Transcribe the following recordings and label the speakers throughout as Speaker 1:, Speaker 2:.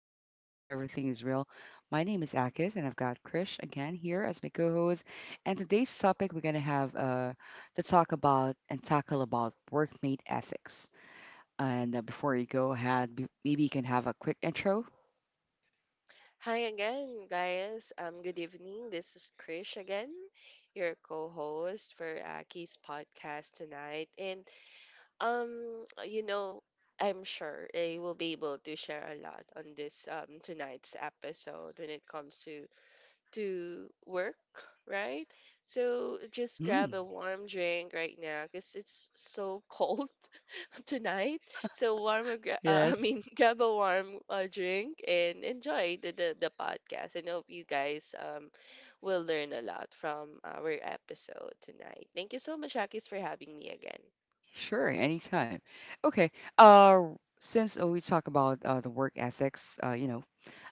Speaker 1: stays smooth and everything is real. My name is Akis and I've got Krish again here as my co-host. And today's topic we're gonna have to talk about and tackle about workmate ethics. And before you go ahead, maybe you can have a quick intro.
Speaker 2: Hi again, guys. Good evening. This is Krish again, your co-host for Aki's podcast tonight. And um, you know, I'm sure I will be able to share a lot on this tonight's episode when it comes to work, right? So just
Speaker 1: Mm-hmm.
Speaker 2: grab a warm drink right now because it's so cold tonight. So warm,
Speaker 1: Yes.
Speaker 2: grab a warm drink and enjoy the podcast. And hope you guys will learn a lot from our episode tonight. Thank you so much, Akis, for having me again.
Speaker 1: Sure. Anytime. Okay. Uh, since we talk about the work ethics, you know,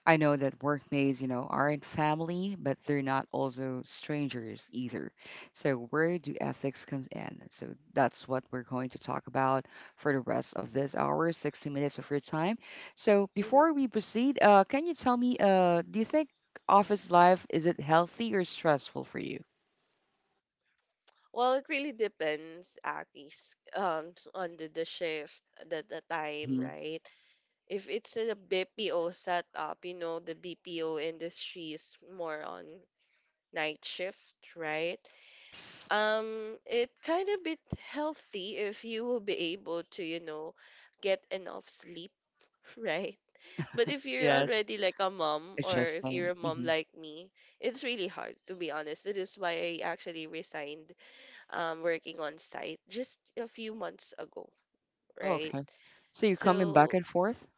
Speaker 1: I know that workmates, you know, aren't family, but they're not also strangers either. So where do ethics comes in? So that's what we're going to talk about for the rest of this hour, 60 minutes of your time. So
Speaker 2: Hmm
Speaker 1: before we proceed, can you tell me, do you think office life is it healthy or stressful for you?
Speaker 2: Well, it really depends, Akis, on the shift, the time,
Speaker 1: Mm-hmm.
Speaker 2: right? If it's a BPO setup, you know, the BPO industry is more on night shift, right?
Speaker 1: Yes.
Speaker 2: It kind of bit healthy if you will be able to, you know, get enough sleep, right? But if you're
Speaker 1: Yes.
Speaker 2: already like a mom,
Speaker 1: It's
Speaker 2: or
Speaker 1: just
Speaker 2: if you're a
Speaker 1: same.
Speaker 2: mom
Speaker 1: Mm-hmm.
Speaker 2: like me, it's really hard, to be honest. That is why I actually resigned working on site just a few months ago,
Speaker 1: Oh,
Speaker 2: right?
Speaker 1: okay. So you're coming back
Speaker 2: So
Speaker 1: and forth?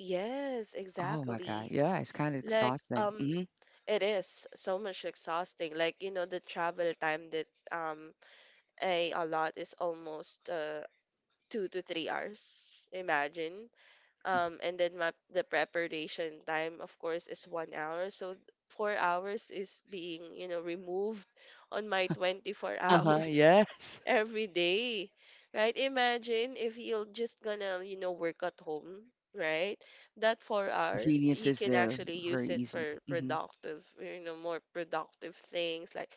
Speaker 2: yes,
Speaker 1: Oh my God.
Speaker 2: exactly.
Speaker 1: Yeah, it's kind of
Speaker 2: like
Speaker 1: exhausting.
Speaker 2: um
Speaker 1: Mm-hmm.
Speaker 2: it is so much exhausting, like, you know, the travel time that um I a lot is almost 2 to 3 hours. Imagine,
Speaker 1: Mm-hmm.
Speaker 2: and then the preparation time of course is 1 hour, so 4 hours is being, you know, removed on my 24
Speaker 1: Uh huh.
Speaker 2: hours
Speaker 1: Yes.
Speaker 2: every day, right? Imagine if you're just gonna, you know, work at home, right? That four
Speaker 1: The
Speaker 2: hours
Speaker 1: convenience
Speaker 2: you
Speaker 1: is
Speaker 2: can actually use
Speaker 1: very
Speaker 2: it for
Speaker 1: easy. Hmm
Speaker 2: productive, you know, more productive things, like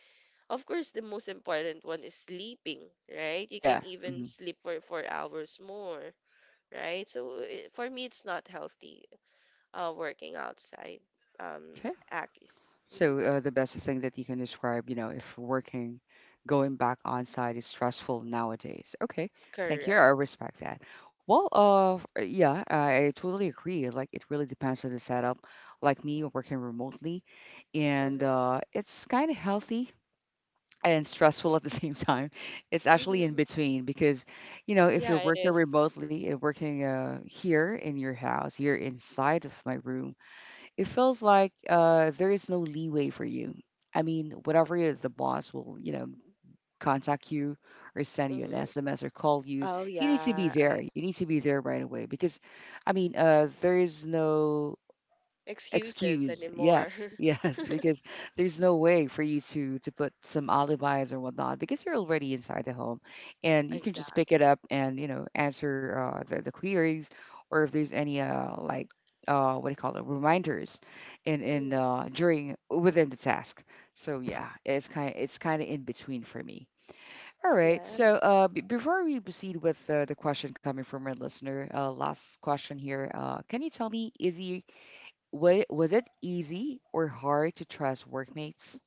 Speaker 2: of course the most important one is sleeping, right? You can
Speaker 1: Yeah.
Speaker 2: even
Speaker 1: hmm
Speaker 2: sleep for 4 hours more, right? So it, for me, it's not healthy working outside. Um,
Speaker 1: Okay.
Speaker 2: Akis. Hmm
Speaker 1: So the best thing that you can describe, you know, if working, going back on site is stressful nowadays. Okay. Thank you.
Speaker 2: Correct.
Speaker 1: I respect that. Well, yeah, I totally agree. Like it really depends on the setup. Like me, working remotely, and
Speaker 2: Mm-hmm.
Speaker 1: it's kind of healthy and stressful at the same time. It's actually in
Speaker 2: Mm-hmm.
Speaker 1: between because, you know, if
Speaker 2: Yeah,
Speaker 1: you're
Speaker 2: it
Speaker 1: working
Speaker 2: is.
Speaker 1: remotely and working here in your house, here inside of my room, it feels like there is no leeway for you. I mean, whatever the boss will, you know, contact you or send you an
Speaker 2: Mm-hmm.
Speaker 1: SMS or call you,
Speaker 2: Oh
Speaker 1: you need to be
Speaker 2: yeah,
Speaker 1: there.
Speaker 2: I
Speaker 1: You
Speaker 2: see.
Speaker 1: need to be there right away because, I mean, there is no
Speaker 2: Excuses
Speaker 1: excuse,
Speaker 2: anymore.
Speaker 1: yes, yes, because there's no way for you to put some alibis or whatnot because you're already inside the home, and you can just pick
Speaker 2: Exactly.
Speaker 1: it up and you know answer the queries, or if there's any like what do you call it, reminders in
Speaker 2: Mm,
Speaker 1: during within the task. So yeah, it's kind of in between for me. All right,
Speaker 2: yeah,
Speaker 1: so before we proceed with the question coming from our listener, last question here, can you tell me, is he Wa was it easy or hard to trust workmates?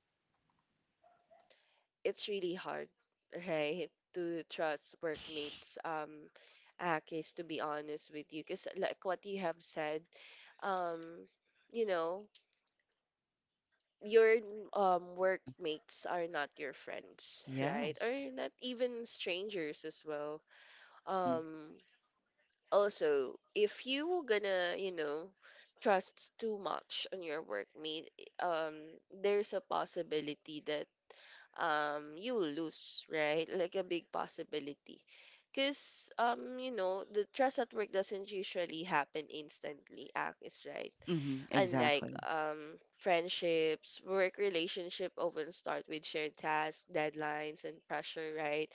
Speaker 2: it's really hard, right, to trust
Speaker 1: Yes.
Speaker 2: workmates. Akis, to be honest with you, because like what you have said, um, you know, your
Speaker 1: Uh-huh.
Speaker 2: workmates are not your friends, right? Or
Speaker 1: Yes.
Speaker 2: not even strangers as well.
Speaker 1: Mm-hmm.
Speaker 2: Um Also, if you were gonna, you know, trust too much on your workmate, um there's a possibility that you will lose, right? Like a big possibility. Because, you know, the trust at work doesn't usually happen instantly, Ak is right.
Speaker 1: Mm-hmm.
Speaker 2: Unlike
Speaker 1: Exactly.
Speaker 2: friendships, work relationship often start with shared tasks, deadlines, and pressure, right?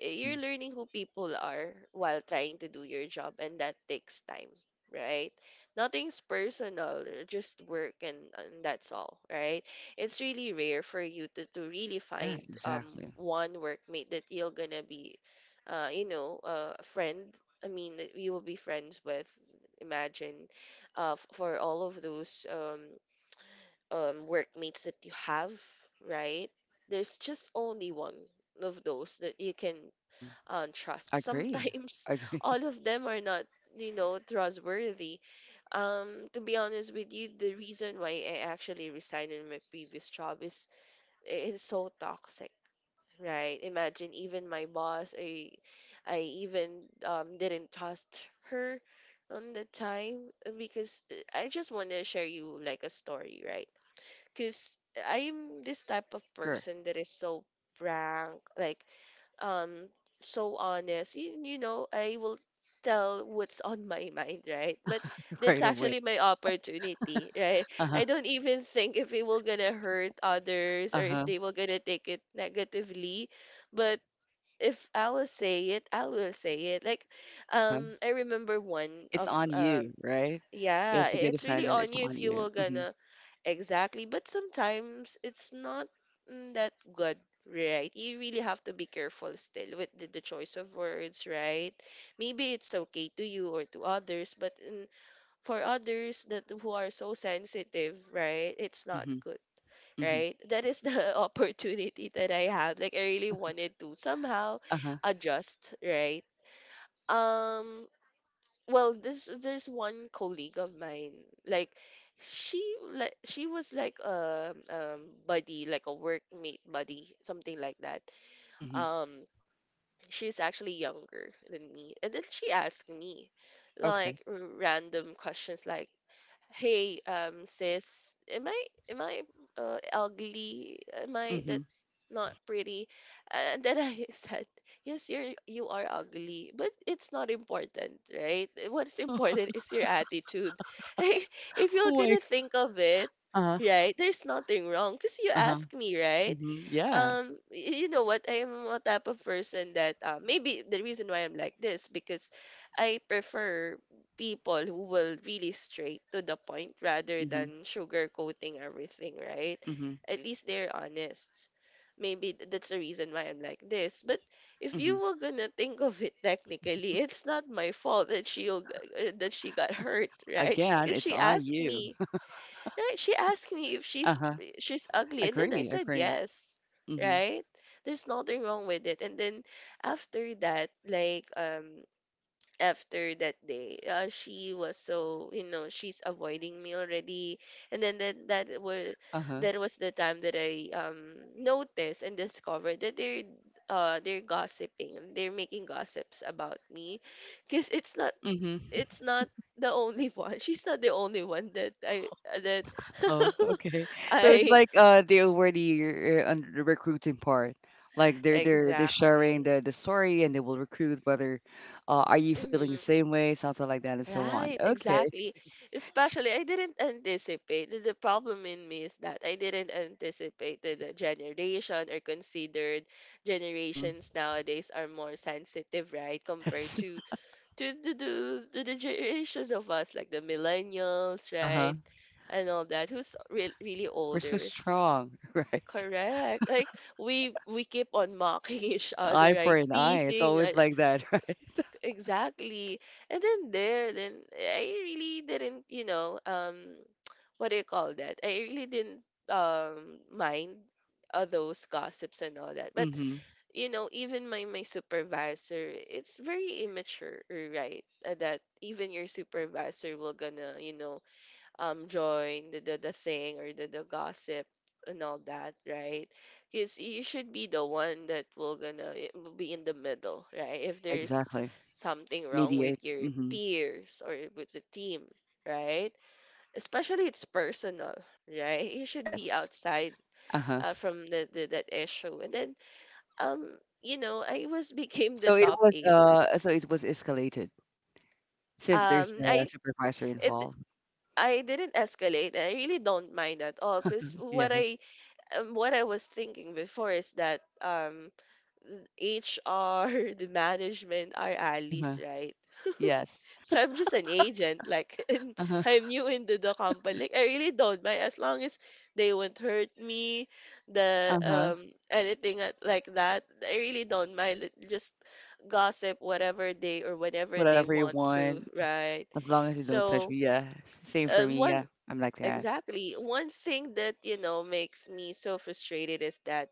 Speaker 2: You're
Speaker 1: Mm-hmm.
Speaker 2: learning who people are while trying to do your job, and that takes time, right? Nothing's personal, just work, and that's all right. It's really rare for you to really
Speaker 1: Yeah,
Speaker 2: find
Speaker 1: exactly.
Speaker 2: one workmate that you're gonna be a friend, I mean, that you will be friends with. Imagine, for all of those workmates that you have, right? There's just only one of those that you can
Speaker 1: Mm-hmm.
Speaker 2: trust.
Speaker 1: I agree.
Speaker 2: Sometimes
Speaker 1: I agree.
Speaker 2: all of them are not, you know, trustworthy. To be honest with you, the reason why I actually resigned in my previous job is it is so toxic. Right. Imagine even my boss, I even didn't trust her on the time, because I just want to share you like a story, right? Because I'm this type of
Speaker 1: Sure.
Speaker 2: person that is so frank, like, um so honest. You know, I will tell what's on my mind, right? But that's
Speaker 1: Right away.
Speaker 2: actually my opportunity, right?
Speaker 1: Uh-huh.
Speaker 2: I don't even think if it will gonna hurt others, or if
Speaker 1: Uh-huh.
Speaker 2: they will gonna take it negatively, but if I will say it, I will say it. Like,
Speaker 1: Uh-huh.
Speaker 2: I remember one
Speaker 1: It's
Speaker 2: of
Speaker 1: on you, right?
Speaker 2: yeah,
Speaker 1: If you get
Speaker 2: it's really
Speaker 1: offended,
Speaker 2: on
Speaker 1: it's
Speaker 2: you
Speaker 1: on
Speaker 2: if you
Speaker 1: you.
Speaker 2: will
Speaker 1: Mm-hmm.
Speaker 2: gonna— Exactly, but sometimes it's not mm, that good, right? You really have to be careful still with the choice of words, right? Maybe it's okay to you or to others, but mm, for others that who are so sensitive, right? It's not
Speaker 1: Mm-hmm.
Speaker 2: good,
Speaker 1: Mm-hmm.
Speaker 2: right? That is the opportunity that I had. Like I really wanted to somehow
Speaker 1: Uh-huh.
Speaker 2: adjust, right? Um, well, this there's one colleague of mine, like, she, like she was like a buddy, like a workmate buddy, something like that.
Speaker 1: Mm-hmm.
Speaker 2: um she's actually younger than me, and then she asked me
Speaker 1: Okay.
Speaker 2: like random questions, like, hey, sis, am I, ugly? Am I
Speaker 1: Mm-hmm.
Speaker 2: that not pretty? And then I said, yes, you are ugly, but it's not important, right? What's important is your attitude. Like, if you're
Speaker 1: Cool,
Speaker 2: gonna
Speaker 1: like.
Speaker 2: think of it,
Speaker 1: Uh-huh.
Speaker 2: right, there's nothing wrong because you
Speaker 1: Uh-huh.
Speaker 2: asked me, right?
Speaker 1: Mm-hmm. Yeah.
Speaker 2: You know what? I am a type of person that maybe the reason why I'm like this because I prefer people who will really straight to the point rather
Speaker 1: Mm-hmm.
Speaker 2: than sugarcoating everything, right?
Speaker 1: Mm-hmm.
Speaker 2: At least they're honest. Maybe that's the reason why I'm like this. But if
Speaker 1: Mm-hmm.
Speaker 2: you were gonna think of it technically, it's not my fault that she will that she got hurt, right?
Speaker 1: Again,
Speaker 2: Because
Speaker 1: it's
Speaker 2: she
Speaker 1: on
Speaker 2: asked
Speaker 1: you.
Speaker 2: me, right? She asked me if
Speaker 1: Uh-huh.
Speaker 2: she's ugly, and then I
Speaker 1: Agree,
Speaker 2: said
Speaker 1: agree.
Speaker 2: yes,
Speaker 1: Mhm.
Speaker 2: right? There's nothing wrong with it. And then after that, after that day. She was so, you know, she's avoiding me already, and then that that were
Speaker 1: Uh-huh.
Speaker 2: that was the time that I noticed and discovered that they're gossiping, they're making gossips about me, because
Speaker 1: Mhm.
Speaker 2: it's not the only one. She's not the only one that I that
Speaker 1: Oh, okay. So it's
Speaker 2: I—
Speaker 1: like they already on the recruiting part. Like they're
Speaker 2: Exactly.
Speaker 1: sharing the story, and they will recruit whether are you feeling the
Speaker 2: Mhm.
Speaker 1: same way, something like that and so on.
Speaker 2: Right,
Speaker 1: Okay.
Speaker 2: exactly. Especially, I didn't anticipate. The problem in me is that I didn't anticipate that the generation, or considered
Speaker 1: Mhm.
Speaker 2: generations nowadays are more sensitive, right? Compared
Speaker 1: Yes.
Speaker 2: to to the to, the generations of us, like the millennials,
Speaker 1: Uh-huh.
Speaker 2: right, and all that, who's re really
Speaker 1: We're so
Speaker 2: older.
Speaker 1: strong, right?
Speaker 2: Correct. Like we keep on mocking each
Speaker 1: An eye
Speaker 2: other,
Speaker 1: for
Speaker 2: right?
Speaker 1: an eye. It's
Speaker 2: Teasing.
Speaker 1: always like that, right?
Speaker 2: Exactly. And then I really didn't, you know, what do you call that? I really didn't mind all those gossips and all that. But
Speaker 1: Mhm.
Speaker 2: you know, even my supervisor, it's very immature, right? That even your supervisor will gonna, you know, join the thing, or the gossip and all that, right? Because you should be the one that will gonna it will be in the middle, right, if
Speaker 1: Yeah,
Speaker 2: there's
Speaker 1: exactly.
Speaker 2: something wrong with
Speaker 1: Mediate.
Speaker 2: your
Speaker 1: Mhm.
Speaker 2: peers or with the team, right, especially it's personal, right? You should be
Speaker 1: Yes.
Speaker 2: outside
Speaker 1: Uh-huh.
Speaker 2: from the that issue, and then um you know, I was became the
Speaker 1: So it
Speaker 2: top
Speaker 1: was
Speaker 2: eight.
Speaker 1: escalated. Since there's
Speaker 2: um
Speaker 1: a
Speaker 2: i
Speaker 1: supervisor
Speaker 2: it
Speaker 1: involved.
Speaker 2: I didn't escalate. I really don't mind at all because
Speaker 1: Yes.
Speaker 2: what I was thinking before is that HR, the management are allies,
Speaker 1: Uh-huh.
Speaker 2: right?
Speaker 1: Yes.
Speaker 2: So I'm just an agent, like, and
Speaker 1: Uh-huh.
Speaker 2: I'm new into the company. Like I really don't mind as long as they won't hurt me, the
Speaker 1: Uh-huh.
Speaker 2: anything like that. I really don't mind. Let— just gossip whatever they, or whenever they
Speaker 1: Whatever you
Speaker 2: want to,
Speaker 1: want,
Speaker 2: right?
Speaker 1: as long as you don't touch
Speaker 2: So,
Speaker 1: me. Yeah. Same for me.
Speaker 2: one
Speaker 1: Yeah. I'm like that.
Speaker 2: exactly. One thing that, you know, makes me so frustrated is that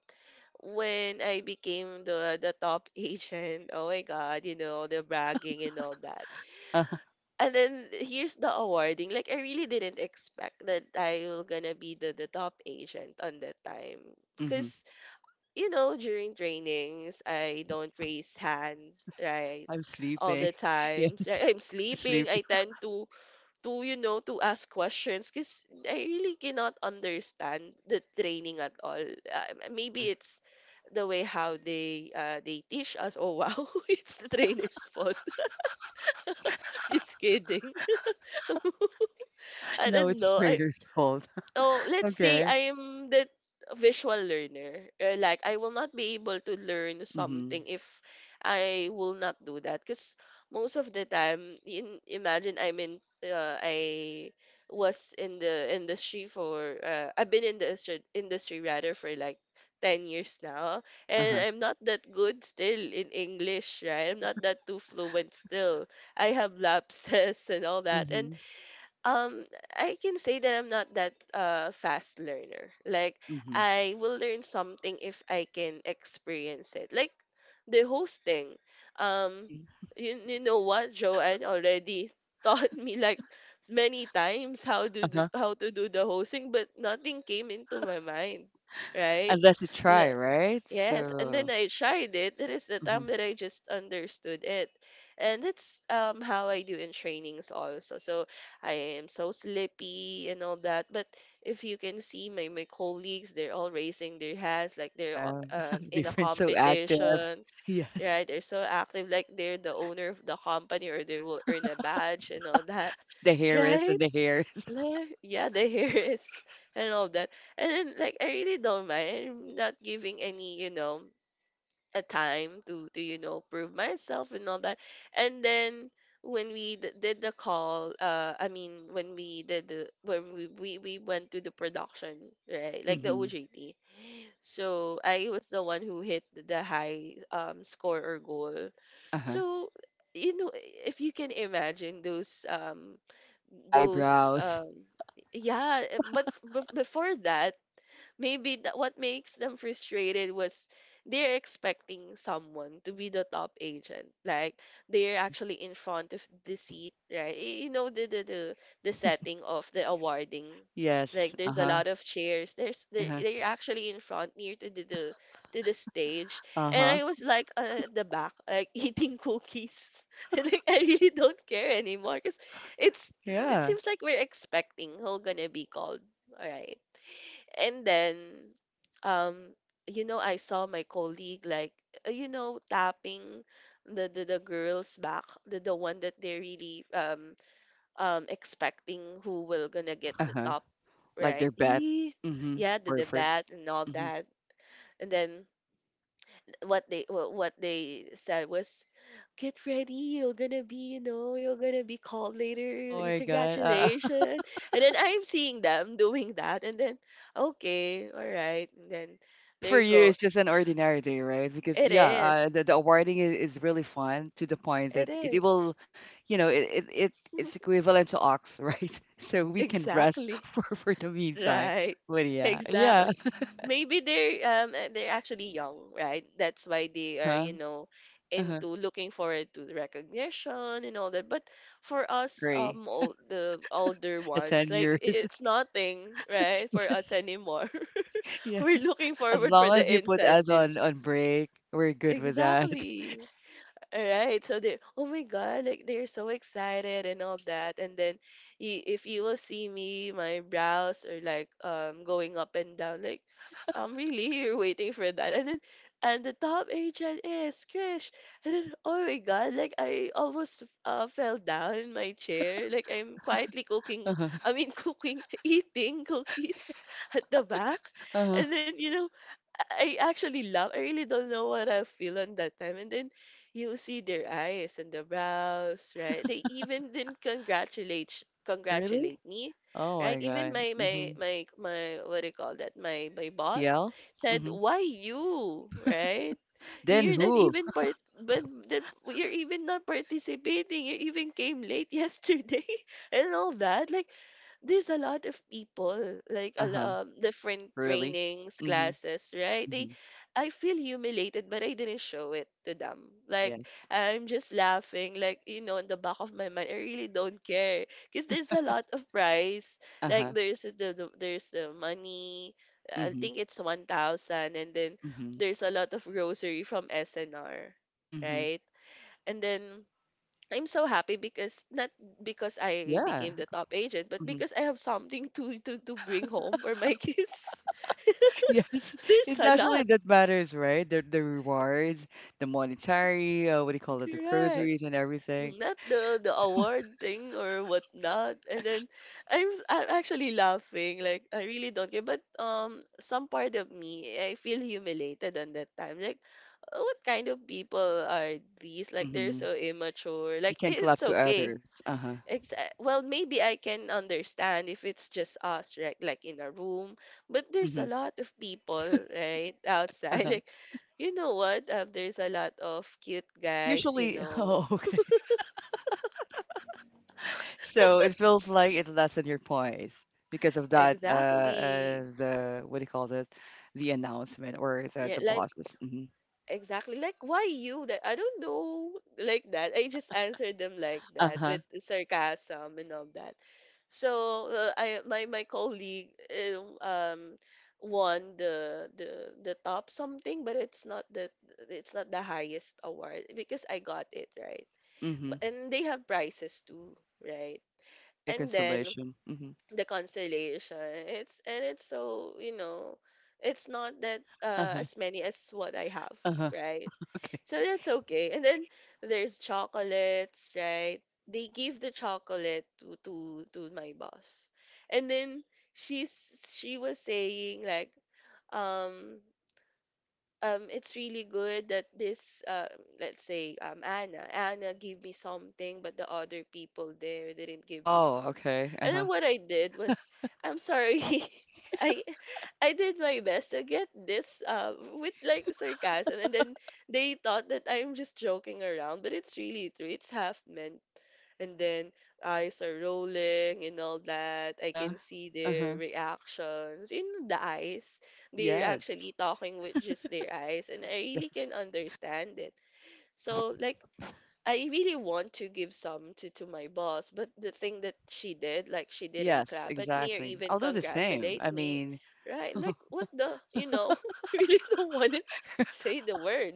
Speaker 2: when I became the top agent, oh my God, you know, the bragging and all that.
Speaker 1: Uh-huh.
Speaker 2: And then here's the awarding. Like I really didn't expect that I will gonna be the top agent on that time.
Speaker 1: hmm
Speaker 2: Cause, you know, during trainings I don't raise hand, right?
Speaker 1: I'm
Speaker 2: All
Speaker 1: sleeping.
Speaker 2: the
Speaker 1: Yes.
Speaker 2: times. Right? I'm sleeping.
Speaker 1: Sleepy.
Speaker 2: I tend to you know to ask questions because I really cannot understand the training at all.
Speaker 1: Uh-huh.
Speaker 2: Maybe it's the way how they teach us. Oh wow, it's the trainer's fault. Just kidding. I
Speaker 1: No,
Speaker 2: don't
Speaker 1: it's
Speaker 2: know. I
Speaker 1: Trader's fault.
Speaker 2: oh, let's say
Speaker 1: Okay.
Speaker 2: I'm the visual learner. Like, I will not be able to learn
Speaker 1: Mm-hmm.
Speaker 2: something if I will not do that. Because most of the time, imagine I was in the industry for, I've been in industry rather for like 10 years now. And
Speaker 1: Uh-huh.
Speaker 2: I'm not that good still in English, right? I'm not that too fluent still. I have lapses and all that. And
Speaker 1: Mm-hmm.
Speaker 2: um I can say that I'm not that fast learner. Like
Speaker 1: Mm-hmm.
Speaker 2: I will learn something if I can experience it. Like the hosting. Um
Speaker 1: Mm-hmm.
Speaker 2: you, you know what Joanne already taught me like many times
Speaker 1: Uh-huh.
Speaker 2: how to do the hosting, but nothing came into my mind, right?
Speaker 1: Unless you try, right?
Speaker 2: Yes, and then
Speaker 1: So,
Speaker 2: I tried it. That is the time
Speaker 1: hmm
Speaker 2: that I just understood it. And that's how I do in trainings also. So I am so sleepy and all that. But if you can see my colleagues, they're all raising their hands like they're
Speaker 1: yeah.
Speaker 2: in a
Speaker 1: Different. So active.
Speaker 2: competition,
Speaker 1: Yes.
Speaker 2: right? They're so active like they're the owner of the company or they will earn a badge and all that.
Speaker 1: The hairs and
Speaker 2: Right?
Speaker 1: the hairs.
Speaker 2: Like, yeah, the hair is and all that. And then, like, I really don't mind. I'm not giving any, a time to prove myself and all that. And then when we d- did the call I mean when we did the when we went to the production, right, like the
Speaker 1: Mm-hmm.
Speaker 2: OJT. So I was the one who hit the high score or goal.
Speaker 1: Uh-huh.
Speaker 2: So, you know if you can imagine
Speaker 1: The
Speaker 2: those
Speaker 1: eyebrows.
Speaker 2: yeah but before that, maybe that what makes them frustrated was they're expecting someone to be the top agent. Like, they're
Speaker 1: Mhm.
Speaker 2: actually in front of the seat, right? You know the setting of the awarding.
Speaker 1: Yes.
Speaker 2: Like, there's a
Speaker 1: Uh-huh.
Speaker 2: lot of chairs. There's
Speaker 1: Yeah.
Speaker 2: they're actually in front near to the to the stage, and
Speaker 1: Uh-huh.
Speaker 2: I was like at the back, like eating cookies. And, like, I really don't care anymore because it's it
Speaker 1: Yeah.
Speaker 2: seems like we're expecting who gonna be called, right? And then, um, you know, I saw my colleague like, you know, tapping the girl's back, the one that they're really expecting who will gonna get the
Speaker 1: Uh-huh.
Speaker 2: top,
Speaker 1: Like their
Speaker 2: right?
Speaker 1: bed.
Speaker 2: He,
Speaker 1: Mhm.
Speaker 2: yeah, the
Speaker 1: Perfect.
Speaker 2: bat and all
Speaker 1: Mhm.
Speaker 2: that. And then what they said was, "Get ready, you're gonna be, you know, you're gonna be called
Speaker 1: Oh
Speaker 2: later.
Speaker 1: my God.
Speaker 2: Congratulations." And then I'm seeing them doing that, and then okay, all right. And then
Speaker 1: But
Speaker 2: there
Speaker 1: for
Speaker 2: you
Speaker 1: you,
Speaker 2: go.
Speaker 1: it's just an ordinary day, right? Because
Speaker 2: it
Speaker 1: yeah,
Speaker 2: is
Speaker 1: the awarding is really fun to the point that
Speaker 2: it is
Speaker 1: you know, it's equivalent to ox, right? So we can rest
Speaker 2: Exactly.
Speaker 1: for the meantime.
Speaker 2: Right.
Speaker 1: But yeah,
Speaker 2: Exactly.
Speaker 1: yeah.
Speaker 2: Maybe they're actually young, right? That's why they are,
Speaker 1: Uh-huh.
Speaker 2: you know,
Speaker 1: Uh-huh.
Speaker 2: into looking forward to the recognition and all that. But for us,
Speaker 1: Agree.
Speaker 2: old, the older
Speaker 1: The
Speaker 2: ones,
Speaker 1: ten
Speaker 2: like
Speaker 1: years.
Speaker 2: it's nothing, right? For us anymore. We're
Speaker 1: Yes.
Speaker 2: looking
Speaker 1: As
Speaker 2: forward for
Speaker 1: long
Speaker 2: the
Speaker 1: as you put us
Speaker 2: incentives.
Speaker 1: on break, we're good with that.
Speaker 2: Exactly. All right. So they, oh my God, like they're so excited and all that. And then if you will see me, my brows are like going up and down, like, really, you're waiting for that. And then, and the top agent is Krish. And then oh my God, like I almost fell down in my chair. Like I'm quietly cooking,
Speaker 1: Uh-huh.
Speaker 2: I mean cooking, eating cookies at the back.
Speaker 1: Uh-huh.
Speaker 2: And then, you know, I actually love. I really don't know what I feel on that time. And then you see their eyes and the brows, right? They even didn't
Speaker 1: Really?
Speaker 2: congratulate me,
Speaker 1: Oh my
Speaker 2: right? Even
Speaker 1: God.
Speaker 2: my my
Speaker 1: Mm-hmm.
Speaker 2: my my what do you call that? My boss
Speaker 1: TL?
Speaker 2: said,
Speaker 1: Mm-hmm.
Speaker 2: "Why you?" Right?
Speaker 1: Then
Speaker 2: You're not
Speaker 1: who?
Speaker 2: even part, but then you're even not participating. You even came late yesterday and all that. Like, there's a lot of people like
Speaker 1: Uh-huh.
Speaker 2: different
Speaker 1: Really?
Speaker 2: trainings
Speaker 1: Mm-hmm.
Speaker 2: classes, right? They,
Speaker 1: Mm-hmm.
Speaker 2: I feel humiliated, but I didn't show it to them. Like,
Speaker 1: Yes.
Speaker 2: I'm just laughing, like, you know, in the back of my mind I really don't care because there's a lot of price. Like,
Speaker 1: Uh-huh.
Speaker 2: there's there's the money. I
Speaker 1: Mm-hmm.
Speaker 2: think it's 1,000. And then
Speaker 1: Mm-hmm.
Speaker 2: there's a lot of grocery from snr,
Speaker 1: Mm-hmm.
Speaker 2: right? And then I'm so happy because not because I
Speaker 1: Yeah.
Speaker 2: became the top agent, but
Speaker 1: Mm-hmm.
Speaker 2: because I have something to bring home for my kids.
Speaker 1: Yes.
Speaker 2: There's
Speaker 1: It's
Speaker 2: a
Speaker 1: actually
Speaker 2: lot.
Speaker 1: that matters, right? The rewards, the monetary, what do you call it, the
Speaker 2: Correct.
Speaker 1: groceries and everything.
Speaker 2: Not the award thing or whatnot. And then I'm actually laughing. Like I really don't care. But some part of me I feel humiliated on that time. Like, "Oh, what kind of people are these? Like, they're
Speaker 1: Mm-hmm.
Speaker 2: so immature."
Speaker 1: You
Speaker 2: Like,
Speaker 1: can
Speaker 2: it's
Speaker 1: clap to
Speaker 2: okay.
Speaker 1: others. Uh-huh.
Speaker 2: Well, maybe I can understand if it's just us, right? Like, in a room, but there's
Speaker 1: Mm-hmm.
Speaker 2: a lot of people, right, outside.
Speaker 1: Uh-huh.
Speaker 2: Like, you know what? There's a lot of cute guys, you
Speaker 1: Usually,
Speaker 2: know.
Speaker 1: oh, okay. So it feels like it lessened your poise because of that.
Speaker 2: Exactly.
Speaker 1: The what do you call it? The announcement or
Speaker 2: Yeah,
Speaker 1: the
Speaker 2: like,
Speaker 1: bosses. Mm-hmm.
Speaker 2: exactly. Like, "Why you?" That I don't know. Like that. I just answered them like
Speaker 1: Uh
Speaker 2: that
Speaker 1: huh.
Speaker 2: with sarcasm and all that. So I, my colleague, won the the top something, but it's not the, it's not the highest award because I got it, right?
Speaker 1: Mm-hmm.
Speaker 2: But and they have prizes too, right?
Speaker 1: The
Speaker 2: And then
Speaker 1: consolation. Mm-hmm.
Speaker 2: the constellation. It's so, you know, it's not that
Speaker 1: Uh huh.
Speaker 2: as many as what I have,
Speaker 1: Uh huh.
Speaker 2: right?
Speaker 1: Okay.
Speaker 2: So that's okay. And then there's chocolates, right? They give the chocolate to my boss, and then she was saying like, um it's really good that this, let's say, Anna, Anna gave me something, but the other people there didn't give me
Speaker 1: Oh,
Speaker 2: some.
Speaker 1: okay. Uh
Speaker 2: And then
Speaker 1: huh.
Speaker 2: what I did was, I'm sorry, I, I did my best to get this, with like sarcasm, and then they thought that I'm just joking around, but it's really true. It's half meant. And then eyes are rolling and all that.
Speaker 1: Uh
Speaker 2: I
Speaker 1: huh.
Speaker 2: can see
Speaker 1: Uh
Speaker 2: their
Speaker 1: huh.
Speaker 2: reactions in the eyes. They're actually
Speaker 1: Yes.
Speaker 2: talking with just their eyes, and I really can
Speaker 1: Yes.
Speaker 2: understand it.
Speaker 1: Uh huh.
Speaker 2: So, like, I really want to give some to my boss, but the thing that she did, like, she didn't
Speaker 1: Yes.
Speaker 2: clap at me or
Speaker 1: Exactly.
Speaker 2: even
Speaker 1: I'll do the same.
Speaker 2: congratulate
Speaker 1: I
Speaker 2: me,
Speaker 1: mean,
Speaker 2: right? Like, what the, you know, I really don't want to say the word,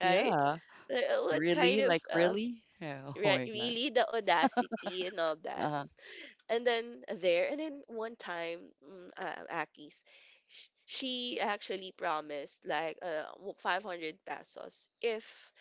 Speaker 2: right?
Speaker 1: yeah.
Speaker 2: Like, what kind
Speaker 1: Really?
Speaker 2: of
Speaker 1: Like really? Yeah. Oh my God.
Speaker 2: really the audacity and all
Speaker 1: Uh
Speaker 2: that.
Speaker 1: huh.
Speaker 2: And then and then one time, Aki's, she actually promised like 500 pesos if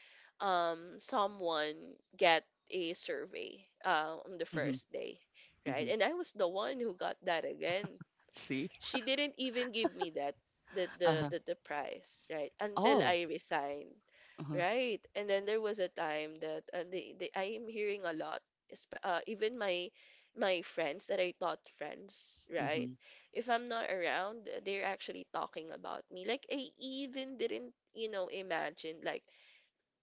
Speaker 2: someone get a survey on the
Speaker 1: Mm-hmm.
Speaker 2: first day, right?
Speaker 1: Mm-hmm.
Speaker 2: And I was the one who got that again.
Speaker 1: See?
Speaker 2: She didn't even give me that
Speaker 1: Uh huh.
Speaker 2: the prize, right? Until
Speaker 1: Oh.
Speaker 2: I resigned.
Speaker 1: Uh huh.
Speaker 2: Right. And then there was a time that I am hearing a lot, even my friends that I thought friends, right?
Speaker 1: Mm-hmm.
Speaker 2: If I'm not around, they're actually talking about me. Like I even didn't, you know, imagine like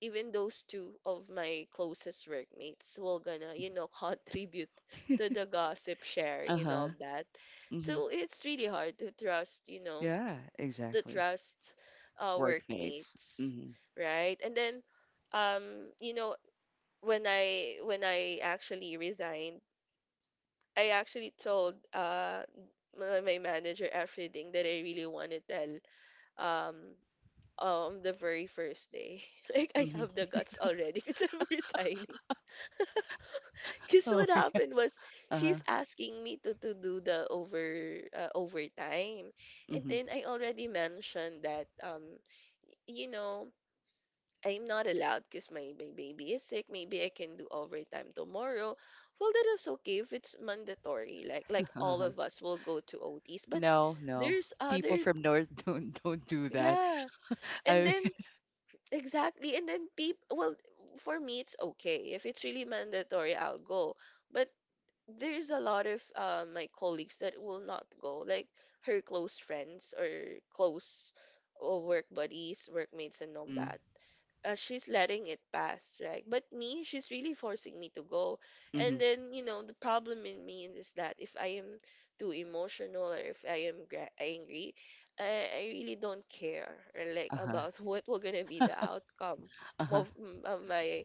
Speaker 2: even those two of my closest workmates will gonna, you know, contribute to the gossip
Speaker 1: Uh
Speaker 2: sharing and
Speaker 1: huh.
Speaker 2: all that.
Speaker 1: hmm
Speaker 2: So it's really hard to trust, you know,
Speaker 1: Yeah,
Speaker 2: to
Speaker 1: exactly.
Speaker 2: trust,
Speaker 1: Workmates.
Speaker 2: workmates,
Speaker 1: Hmm
Speaker 2: right? And then, um you know, when I actually resigned, I actually told, my manager everything that I really want to tell, um on the very first day, like I have
Speaker 1: hmm
Speaker 2: the guts already because I'm resigning. Because
Speaker 1: Oh.
Speaker 2: what happened was
Speaker 1: Uh huh.
Speaker 2: she's asking me to do the overtime, and
Speaker 1: hmm
Speaker 2: then I already mentioned that, you know, I'm not allowed because my baby is sick. Maybe I can do overtime tomorrow. Well, that is okay if it's mandatory. Like, all
Speaker 1: Uh-huh.
Speaker 2: of us will go to OTs, but
Speaker 1: No, no.
Speaker 2: there's
Speaker 1: People
Speaker 2: other,
Speaker 1: from North don't do that.
Speaker 2: yeah. And
Speaker 1: I.
Speaker 2: then exactly, and then people. Well, for me it's okay if it's really mandatory. I'll go. But there's a lot of my colleagues that will not go, like her close friends or close, work buddies, workmates, and all
Speaker 1: hmm
Speaker 2: that. She's letting it pass, right? But me, she's really forcing me to go.
Speaker 1: hmm
Speaker 2: And then, you know, the problem in me is that if I am too emotional or if I am angry, I really don't care or like
Speaker 1: Uh huh.
Speaker 2: about what will gonna be the outcome
Speaker 1: Uh huh.
Speaker 2: of, my,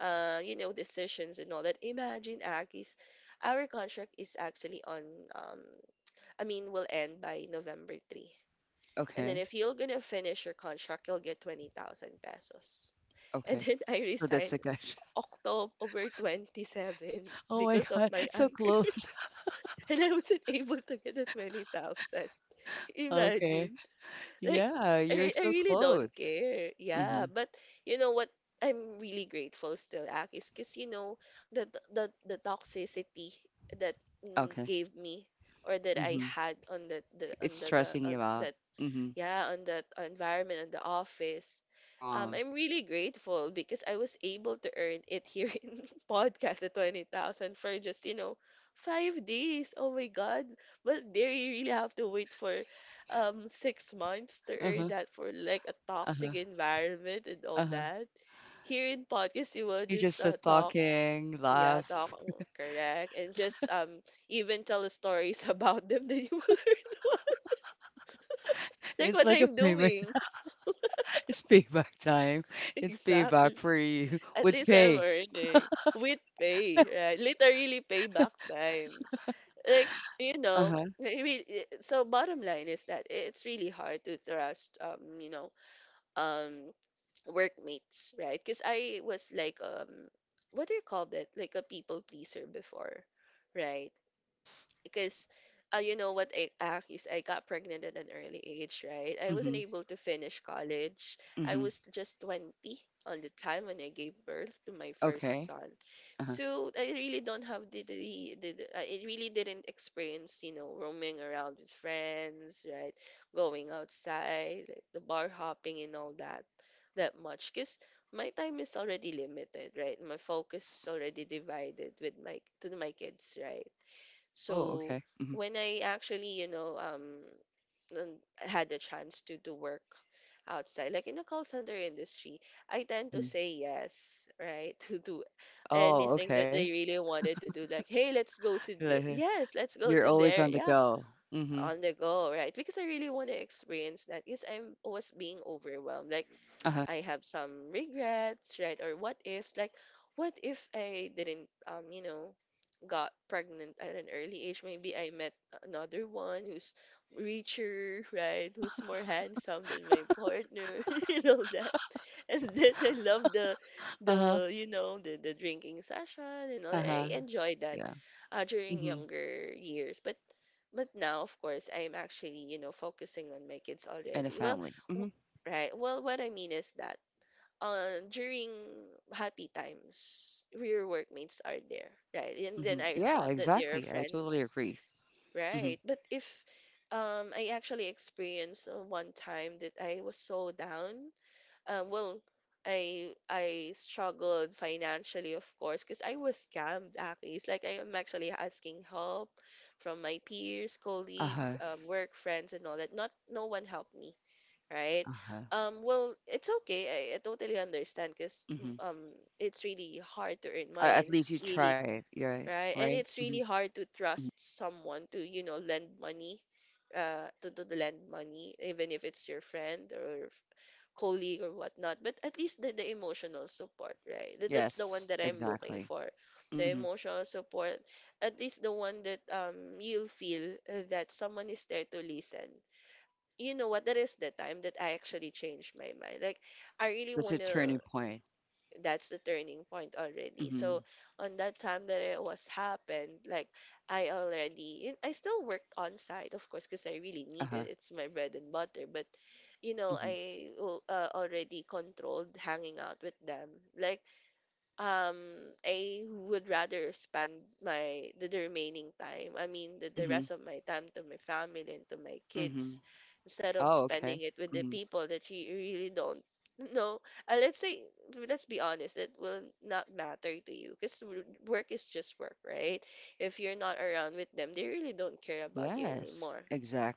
Speaker 2: you know, decisions and all that. Imagine, Akis, our contract is actually on, um, I mean, will end by November 3. And then
Speaker 1: Okay.
Speaker 2: if you're gonna finish your contract, you'll get 20,000 pesos. And
Speaker 1: Okay.
Speaker 2: then I
Speaker 1: So that's the
Speaker 2: resigned
Speaker 1: gosh.
Speaker 2: October 27
Speaker 1: Oh my
Speaker 2: because
Speaker 1: God,
Speaker 2: of my
Speaker 1: so
Speaker 2: anger.
Speaker 1: close.
Speaker 2: And I wasn't able to get the 20,000.
Speaker 1: Okay.
Speaker 2: Imagine. Like,
Speaker 1: Yeah, you're
Speaker 2: I
Speaker 1: so
Speaker 2: really don't
Speaker 1: close.
Speaker 2: care.
Speaker 1: Hmm
Speaker 2: Yeah, but you know what? I'm really grateful still, Ak, is because you know the the toxicity that
Speaker 1: Okay.
Speaker 2: gave me or that I
Speaker 1: hmm
Speaker 2: had on that the
Speaker 1: It's
Speaker 2: on the, the
Speaker 1: stressing
Speaker 2: on
Speaker 1: you out.
Speaker 2: that,
Speaker 1: Hmm
Speaker 2: yeah, on that
Speaker 1: You're
Speaker 2: environment and the office.
Speaker 1: strong.
Speaker 2: I'm really grateful because I was able to earn it here in podcast the 20,000 for
Speaker 1: Uh
Speaker 2: just,
Speaker 1: huh.
Speaker 2: you know,
Speaker 1: Uh huh.
Speaker 2: five days. Oh my God. But there you really have to wait for six months to
Speaker 1: Uh
Speaker 2: earn
Speaker 1: huh.
Speaker 2: that for like a
Speaker 1: Uh huh.
Speaker 2: toxic environment and all
Speaker 1: Uh huh.
Speaker 2: that. Here in podcast, you will
Speaker 1: You
Speaker 2: just
Speaker 1: just so
Speaker 2: talk.
Speaker 1: talking,
Speaker 2: Yeah,
Speaker 1: laugh.
Speaker 2: talk. Oh, correct. And just even tell stories about them that you will learn. Like
Speaker 1: It's
Speaker 2: what
Speaker 1: like a
Speaker 2: I'm
Speaker 1: payback.
Speaker 2: doing.
Speaker 1: It's payback time. It's payback
Speaker 2: Exactly.
Speaker 1: for you
Speaker 2: At
Speaker 1: with
Speaker 2: least I'm
Speaker 1: pay.
Speaker 2: earning with pay, right? Literally payback time. Like, you
Speaker 1: Uh
Speaker 2: know,
Speaker 1: huh.
Speaker 2: I mean, so bottom line is that it's really hard to trust, you know, um, workmates, right? Because I was like, what do you call that? Like a people pleaser before,
Speaker 1: Uh huh. Yeah.
Speaker 2: right?
Speaker 1: Yes.
Speaker 2: Because, you know what I got pregnant at an early age, right? I wasn't
Speaker 1: Mhm.
Speaker 2: able to finish college. I
Speaker 1: Mhm.
Speaker 2: was just 20 on the time when I gave birth to my first
Speaker 1: Okay.
Speaker 2: son.
Speaker 1: Uh huh.
Speaker 2: So I really don't have the I really didn't experience, roaming around with friends, right? Going
Speaker 1: Okay. Uh huh.
Speaker 2: outside, like the bar hopping and all that
Speaker 1: Mhm.
Speaker 2: much because my time is already limited, right? My focus is
Speaker 1: Yes.
Speaker 2: already divided with my to my kids, right?
Speaker 1: Oh.
Speaker 2: So
Speaker 1: Okay. Mhm.
Speaker 2: when I actually, had the chance to work outside, like in the call center industry, I tend to
Speaker 1: Mhm.
Speaker 2: say yes, right, to do
Speaker 1: Oh.
Speaker 2: anything that
Speaker 1: Okay.
Speaker 2: they really wanted to do. Like, hey, let's go to this.
Speaker 1: Like,
Speaker 2: Yes, let's go
Speaker 1: you're
Speaker 2: to
Speaker 1: always
Speaker 2: there.
Speaker 1: on the
Speaker 2: Yeah,
Speaker 1: go. Mhm.
Speaker 2: on the go, right? Because I really want to experience that. Because I was being overwhelmed. Like
Speaker 1: Uh huh.
Speaker 2: I have some regrets, right? Or what ifs? Like, what if I didn't, got pregnant at an early age? Maybe I met another one who's richer, right? Who's more handsome than my partner, you know that. And then I love the,
Speaker 1: Uh huh.
Speaker 2: the you know, the drinking session and all.
Speaker 1: Uh huh.
Speaker 2: I enjoy that
Speaker 1: Yeah.
Speaker 2: during
Speaker 1: Mhm.
Speaker 2: younger years, but. But now, of course, I am actually, you know, focusing on my kids
Speaker 1: And a
Speaker 2: already. Well,
Speaker 1: family.
Speaker 2: w-
Speaker 1: Mhm.
Speaker 2: Right. Well, what I mean is that during happy times, your workmates are there, right? And
Speaker 1: Mhm.
Speaker 2: then I
Speaker 1: Yeah.
Speaker 2: thought that they
Speaker 1: Exactly.
Speaker 2: are
Speaker 1: I totally
Speaker 2: friends,
Speaker 1: agree. Mhm.
Speaker 2: right? But if I actually experienced one time that I was so down, well, I struggled financially, of course, because I was scammed. Actually, it's like I am actually asking help from my peers,
Speaker 1: Uh huh.
Speaker 2: colleagues, work friends, and all that. Not no one helped me, right?
Speaker 1: Uh huh.
Speaker 2: Well, it's okay. I totally understand because
Speaker 1: Mhm.
Speaker 2: um, it's really hard to earn money,
Speaker 1: At
Speaker 2: and
Speaker 1: least
Speaker 2: it's
Speaker 1: you
Speaker 2: really
Speaker 1: tried. You're right.
Speaker 2: right, and
Speaker 1: Right.
Speaker 2: it's
Speaker 1: hmm
Speaker 2: really hard to trust someone to, you know, lend money, to lend money, even if it's your friend or colleague or whatnot. But at least the emotional support, right? That, that's the one
Speaker 1: Yes.
Speaker 2: that I'm looking
Speaker 1: Exactly.
Speaker 2: for, the
Speaker 1: hmm
Speaker 2: emotional support. At least the one that you'll feel that someone is there to listen. You know what, that is the time that I actually changed my mind. Like I really
Speaker 1: That's a
Speaker 2: want
Speaker 1: turning
Speaker 2: to,
Speaker 1: point.
Speaker 2: that's the turning point already.
Speaker 1: Hmm
Speaker 2: So on that time that it was happened, like I already, and I still worked on site, of course, because I really
Speaker 1: Uh
Speaker 2: need
Speaker 1: huh.
Speaker 2: it. It's my bread and butter. But you know,
Speaker 1: hmm
Speaker 2: already controlled hanging out with them. Like, um, I would rather spend my the remaining time I mean the
Speaker 1: hmm
Speaker 2: rest of my time to my family and to my
Speaker 1: hmm
Speaker 2: kids instead of
Speaker 1: Oh, okay.
Speaker 2: spending it with the
Speaker 1: hmm
Speaker 2: people that you really don't know. Uh, let's say, let's be honest, that will not matter to you because work is just work, right? If you're not around with them, they really don't care about you
Speaker 1: Yes.
Speaker 2: anymore,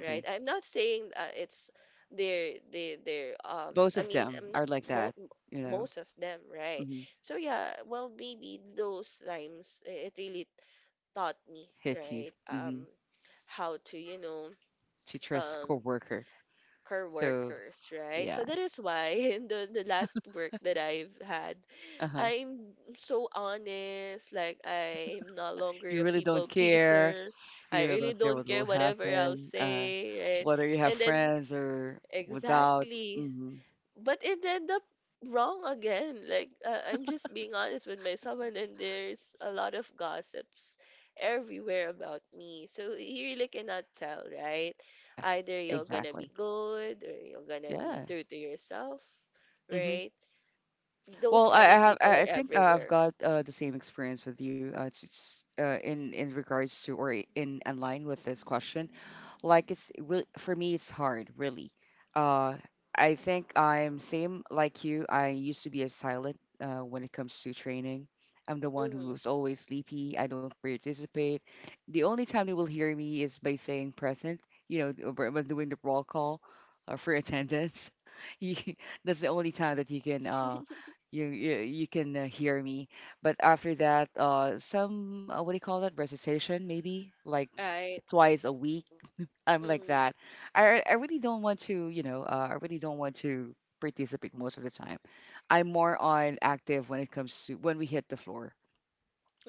Speaker 2: right? I'm not saying it's their their their
Speaker 1: But
Speaker 2: um
Speaker 1: both
Speaker 2: I
Speaker 1: of
Speaker 2: mean,
Speaker 1: them
Speaker 2: I'm not
Speaker 1: are like
Speaker 2: both,
Speaker 1: that. You know.
Speaker 2: most of them, right?
Speaker 1: Hmm
Speaker 2: So yeah, well, maybe those times, eh, it really taught me,
Speaker 1: Hit you.
Speaker 2: right?
Speaker 1: Hmm
Speaker 2: How to, you know,
Speaker 1: To trust
Speaker 2: um,
Speaker 1: coworker.
Speaker 2: care
Speaker 1: So
Speaker 2: workers, right? So that is
Speaker 1: yes.
Speaker 2: why in the last work that I've had,
Speaker 1: Uh huh.
Speaker 2: I'm so honest. Like I'm no longer
Speaker 1: You
Speaker 2: a
Speaker 1: really don't
Speaker 2: people
Speaker 1: care.
Speaker 2: pleaser. I
Speaker 1: You really
Speaker 2: really
Speaker 1: don't care
Speaker 2: don't
Speaker 1: what
Speaker 2: care
Speaker 1: will
Speaker 2: whatever I'll
Speaker 1: happen.
Speaker 2: say, right?
Speaker 1: Whether you have
Speaker 2: And then
Speaker 1: friends or without.
Speaker 2: exactly,
Speaker 1: Hmm
Speaker 2: but it ended up wrong again. Like, I'm just being honest with myself, and then there's a lot of gossips everywhere about me. So you really cannot tell, right?
Speaker 1: Yeah.
Speaker 2: Either you're gonna
Speaker 1: Exactly.
Speaker 2: be good or you're gonna be
Speaker 1: Yeah.
Speaker 2: true to yourself,
Speaker 1: Mhm.
Speaker 2: right? Those
Speaker 1: Well, I,
Speaker 2: kind
Speaker 1: I
Speaker 2: of
Speaker 1: have.
Speaker 2: people
Speaker 1: I
Speaker 2: are
Speaker 1: I think I've
Speaker 2: everywhere.
Speaker 1: got the same experience with you. In regards to or in line with this question, like it's really for me, it's hard, really. Uh, I think I'm same like you. I used to be a silent when it comes to training. I'm the one
Speaker 2: Hmm.
Speaker 1: who's always sleepy. I don't participate. The only time they will hear me is by saying present. You know, when doing the roll call for attendance. You, that's the only time that you can. You can hear me. But after that, some what do you call that recitation? Maybe like
Speaker 2: Right.
Speaker 1: twice a week. I'm like
Speaker 2: Mm-hmm.
Speaker 1: that. I really don't want to, you know, I really don't want to participate most of the time. I'm more on active when it comes to when we hit the floor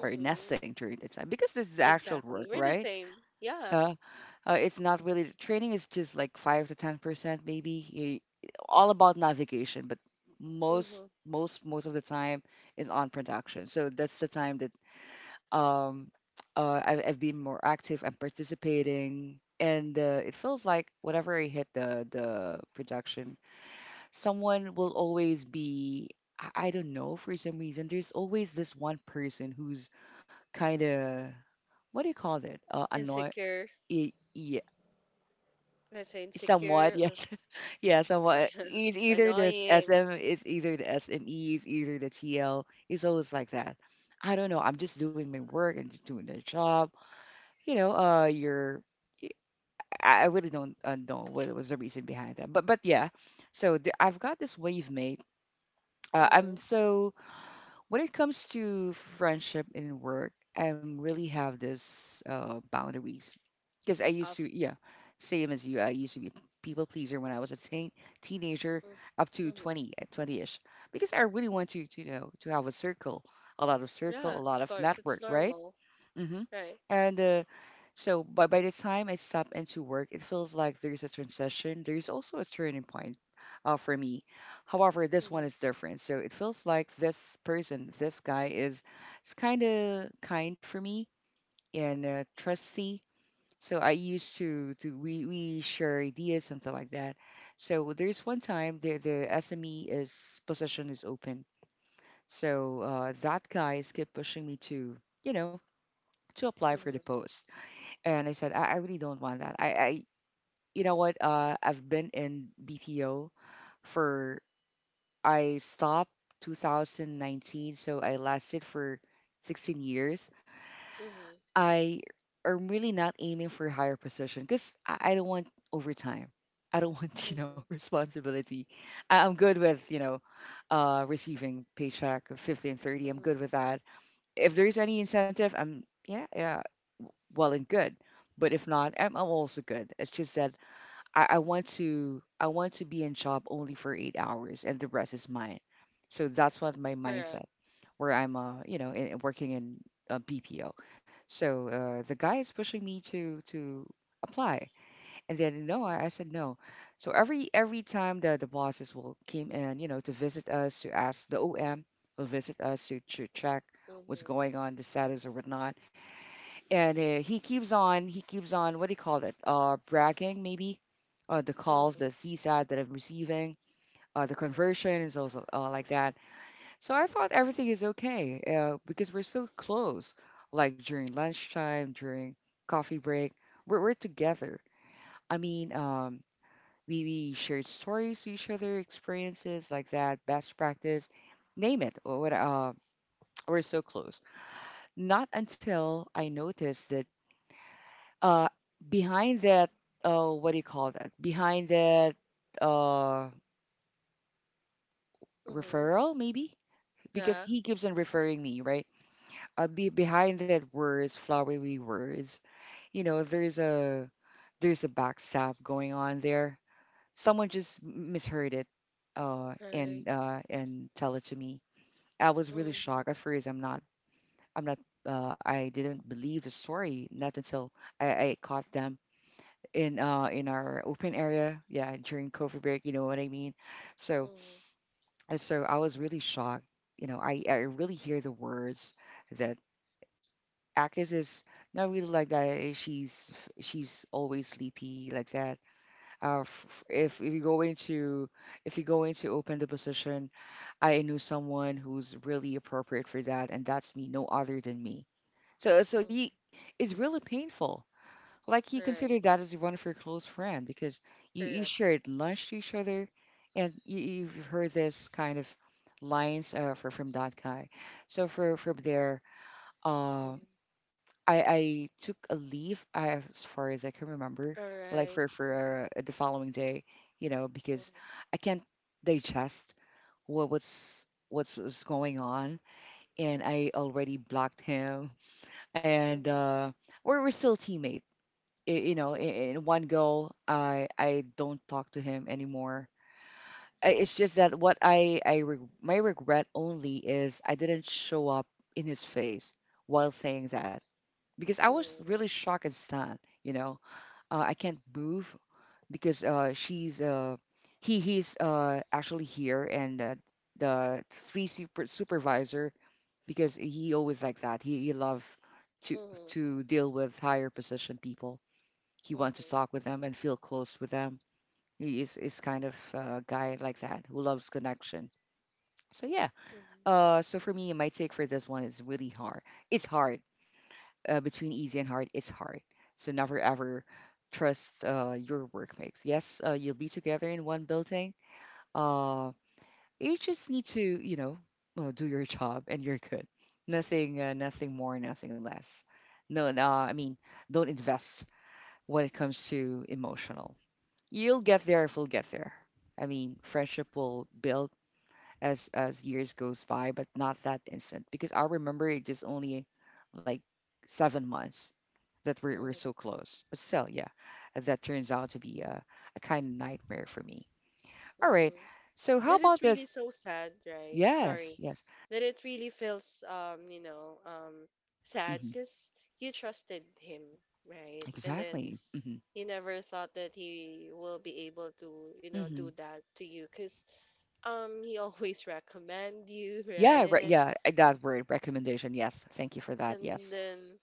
Speaker 1: or nesting during the time because this is actual
Speaker 2: Exactly.
Speaker 1: work,
Speaker 2: We're the
Speaker 1: right?
Speaker 2: same. Yeah.
Speaker 1: It's not really the training is just like 5 to 10% maybe. You- all about navigation, but
Speaker 2: Mm-hmm.
Speaker 1: most of the time is on production. So that's the time that um I've been more active, and participating, and it feels like whenever I hit the production, someone will always be. I don't know for some reason. There's always this one person who's kind of what do you call it? Annoy.
Speaker 2: Insecure.
Speaker 1: Yeah,
Speaker 2: Let's say
Speaker 1: somewhat,
Speaker 2: insecure.
Speaker 1: yes. Yeah,
Speaker 2: Uh,
Speaker 1: somewhat. It's either the
Speaker 2: annoying.
Speaker 1: SM, it's either the SME, it's either the TL. It's always like that. I don't know. I'm just doing my work and just doing the job. You know, y- I really don't know what was the reason behind that, but yeah. So I've got this wave mate.
Speaker 2: Mm-hmm.
Speaker 1: I'm so when it comes to friendship and work, I'm really have this boundaries. Because I used
Speaker 2: Of.
Speaker 1: to, yeah, same as you. I used to be a people pleaser when I was a teenager, up
Speaker 2: Mm-hmm.
Speaker 1: to
Speaker 2: Mm-hmm.
Speaker 1: 20, 20-ish. Because I really want to, you know, to have a circle, a lot of
Speaker 2: Yeah,
Speaker 1: circle, a
Speaker 2: of
Speaker 1: lot of
Speaker 2: course, it's
Speaker 1: network, right?
Speaker 2: normal,
Speaker 1: Mm-hmm.
Speaker 2: right?
Speaker 1: And so by the time I step into work, it feels like there's a transition. There's also a turning point for me. However, this
Speaker 2: Mm-hmm.
Speaker 1: one is different. So it feels like this person, this guy is kind of kind for me and trusty, so I used to do we share ideas, something like that. So there's one time the SME is position is open. So that guy kept pushing me to you know to apply for the
Speaker 2: Mm-hmm.
Speaker 1: post, and I said I really don't want that. I you know what? I've been in BPO for I stopped 2019, so I lasted for 16 years.
Speaker 2: Mm-hmm.
Speaker 1: I am really not aiming for a higher position because I don't want overtime. I don't want,
Speaker 2: Mm-hmm.
Speaker 1: responsibility. I'm good with, you know, receiving paycheck of 50 and 30. I'm good
Speaker 2: Mm-hmm.
Speaker 1: with that. If there's any incentive, I'm, yeah, yeah, well and good. But if not, I'm also good. It's just that I want to be in job only for 8 hours and the rest is mine. So that's what my
Speaker 2: Correct.
Speaker 1: mindset where I'm in, working in BPO. So the guy is pushing me to apply and then no
Speaker 2: Mm-hmm.
Speaker 1: I said no. So every time the bosses will came in to visit us to ask the OM will visit us to check what's
Speaker 2: Mm-hmm.
Speaker 1: going on the status or whatnot and he keeps on what do you call it bragging maybe, the calls, the
Speaker 2: Mm-hmm.
Speaker 1: csat that I'm receiving, the conversion is also like that. So I thought everything is okay, because we're so close, like during lunchtime, during coffee break we're
Speaker 2: Mm-hmm.
Speaker 1: together. I mean we shared stories to each other, experiences like that, best practice, name it or what. We're so close, not until I noticed that uh behind that, what do you call that behind that uh
Speaker 2: Mm-hmm.
Speaker 1: referral maybe, because
Speaker 2: Yeah.
Speaker 1: he keeps on referring me right. Behind that words, flowery words, you know, there's a backstab going on there. Someone just misheard it
Speaker 2: Right.
Speaker 1: and tell it to me. I was really shocked at
Speaker 2: Mm-hmm.
Speaker 1: first. I'm not I didn't believe the story, not until I caught them in our open area, yeah, during covid break, you know what I mean? So
Speaker 2: Mm-hmm.
Speaker 1: so I was really shocked. You know, I really hear the words that Akis is not really like that eh, she's always sleepy like that. uh f- if, if you go into if you go into open the position, I knew someone who's really appropriate for that, and that's me, no other than me. So so
Speaker 2: Mm-hmm.
Speaker 1: you it's really painful. Like you consider
Speaker 2: Right.
Speaker 1: that as one of your close friend, because you
Speaker 2: Correct.
Speaker 1: shared lunch to each other, and you, you've heard this kind of lines from that guy. So for from there, uh,
Speaker 2: Mm-hmm.
Speaker 1: I took a leave, as far as I can remember,
Speaker 2: All
Speaker 1: like
Speaker 2: right.
Speaker 1: for
Speaker 2: Mm-hmm.
Speaker 1: for uh, the following day, you know, because I can't digest what's going on, and I already blocked him, and
Speaker 2: Mm-hmm.
Speaker 1: we're still teammates. You know,
Speaker 2: Mm-hmm.
Speaker 1: in one go, I don't talk to him anymore. I- It's just that what my regret only is I didn't show up in his face while saying that, because I was
Speaker 2: Mm-hmm.
Speaker 1: really shocked and stunned. You know, I can't move because she's he's actually here, and the three supervisor, because he always like that. He love to
Speaker 2: Mm-hmm. Mm-hmm.
Speaker 1: to deal with higher position people. He wants to talk
Speaker 2: Mm-hmm.
Speaker 1: with them and feel close with them. He is kind of a guy like that, who loves connection. So yeah.
Speaker 2: Mm-hmm.
Speaker 1: So for me, my take for this one is really hard. It's hard. Between easy and hard, it's hard. So never ever trust your workmates. Yes, you'll be together in one building. Uh, you just need to, you know, do your job and you're good. Nothing, nothing more, nothing less. No, no, don't invest when it comes to emotional. You'll get there if we'll get there. I mean, friendship will build as years goes by, but not that instant. Because I remember it just only like 7 months that we're so
Speaker 2: Mm-hmm.
Speaker 1: close. But still, yeah, that turns out to be a kind of nightmare for me. All right.
Speaker 2: Mm-hmm.
Speaker 1: So how
Speaker 2: That
Speaker 1: about
Speaker 2: is really
Speaker 1: this?
Speaker 2: so sad, right?
Speaker 1: Yes,
Speaker 2: Sorry.
Speaker 1: yes.
Speaker 2: That it really feels, you know, sad
Speaker 1: Hmm.
Speaker 2: because you trusted him, right? And then
Speaker 1: Exactly. Hmm.
Speaker 2: you never thought that he will be able to, you know, do
Speaker 1: Hmm.
Speaker 2: that to you because, he always recommend you, right?
Speaker 1: Yeah, yeah, that word, recommendation. Yes, thank you for that.
Speaker 2: And
Speaker 1: Yes,
Speaker 2: then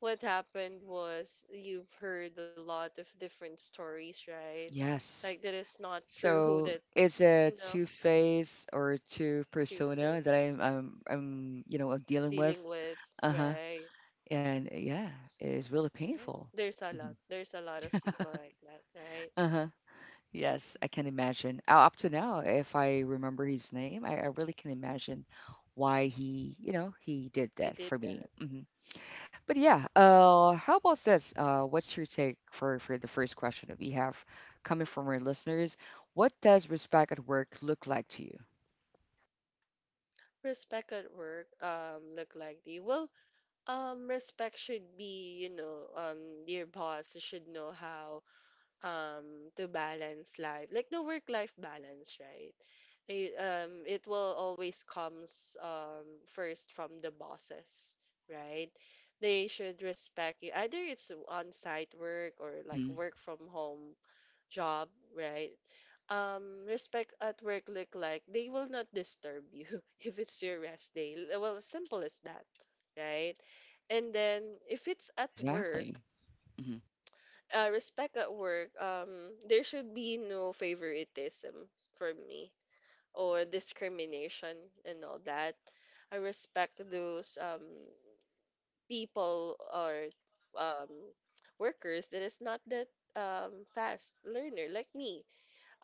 Speaker 2: what happened was you've heard a lot of different stories, right? Like
Speaker 1: yes.
Speaker 2: that is not true,
Speaker 1: So
Speaker 2: that,
Speaker 1: it's a
Speaker 2: you know,
Speaker 1: two face or two persona that
Speaker 2: Two-Face
Speaker 1: I'm you know I'm dealing with.
Speaker 2: dealing with,
Speaker 1: Uh-huh.
Speaker 2: right?
Speaker 1: And yeah,
Speaker 2: So,
Speaker 1: it's really
Speaker 2: right?
Speaker 1: painful.
Speaker 2: There's a lot.
Speaker 1: Mhm.
Speaker 2: There's a lot of people like that, right?
Speaker 1: Uh-huh. Yes, I can imagine. Up to now, if I remember his name, I really can imagine why he, you know, he did
Speaker 2: He
Speaker 1: that
Speaker 2: did
Speaker 1: for me.
Speaker 2: that.
Speaker 1: Hmm. But yeah, how about this? What's your take for the first question that we have coming from our listeners? What does respect at work look like to
Speaker 2: Respect at work, look like the, well, respect should be, you know, your boss should know how to balance life, like the work-life balance, right? It will always comes first from the bosses, right? They should respect you. Either it's on-site work or like
Speaker 1: you?
Speaker 2: work from home job, right? Respect at work look like they will not disturb you if it's your rest day. Well, simple as that, right? And then if it's at work,
Speaker 1: Exactly. Mhm.
Speaker 2: respect at work, there should be no favoritism for me or discrimination and all that. I respect those, people or, um, workers that is not that, fast learner like me.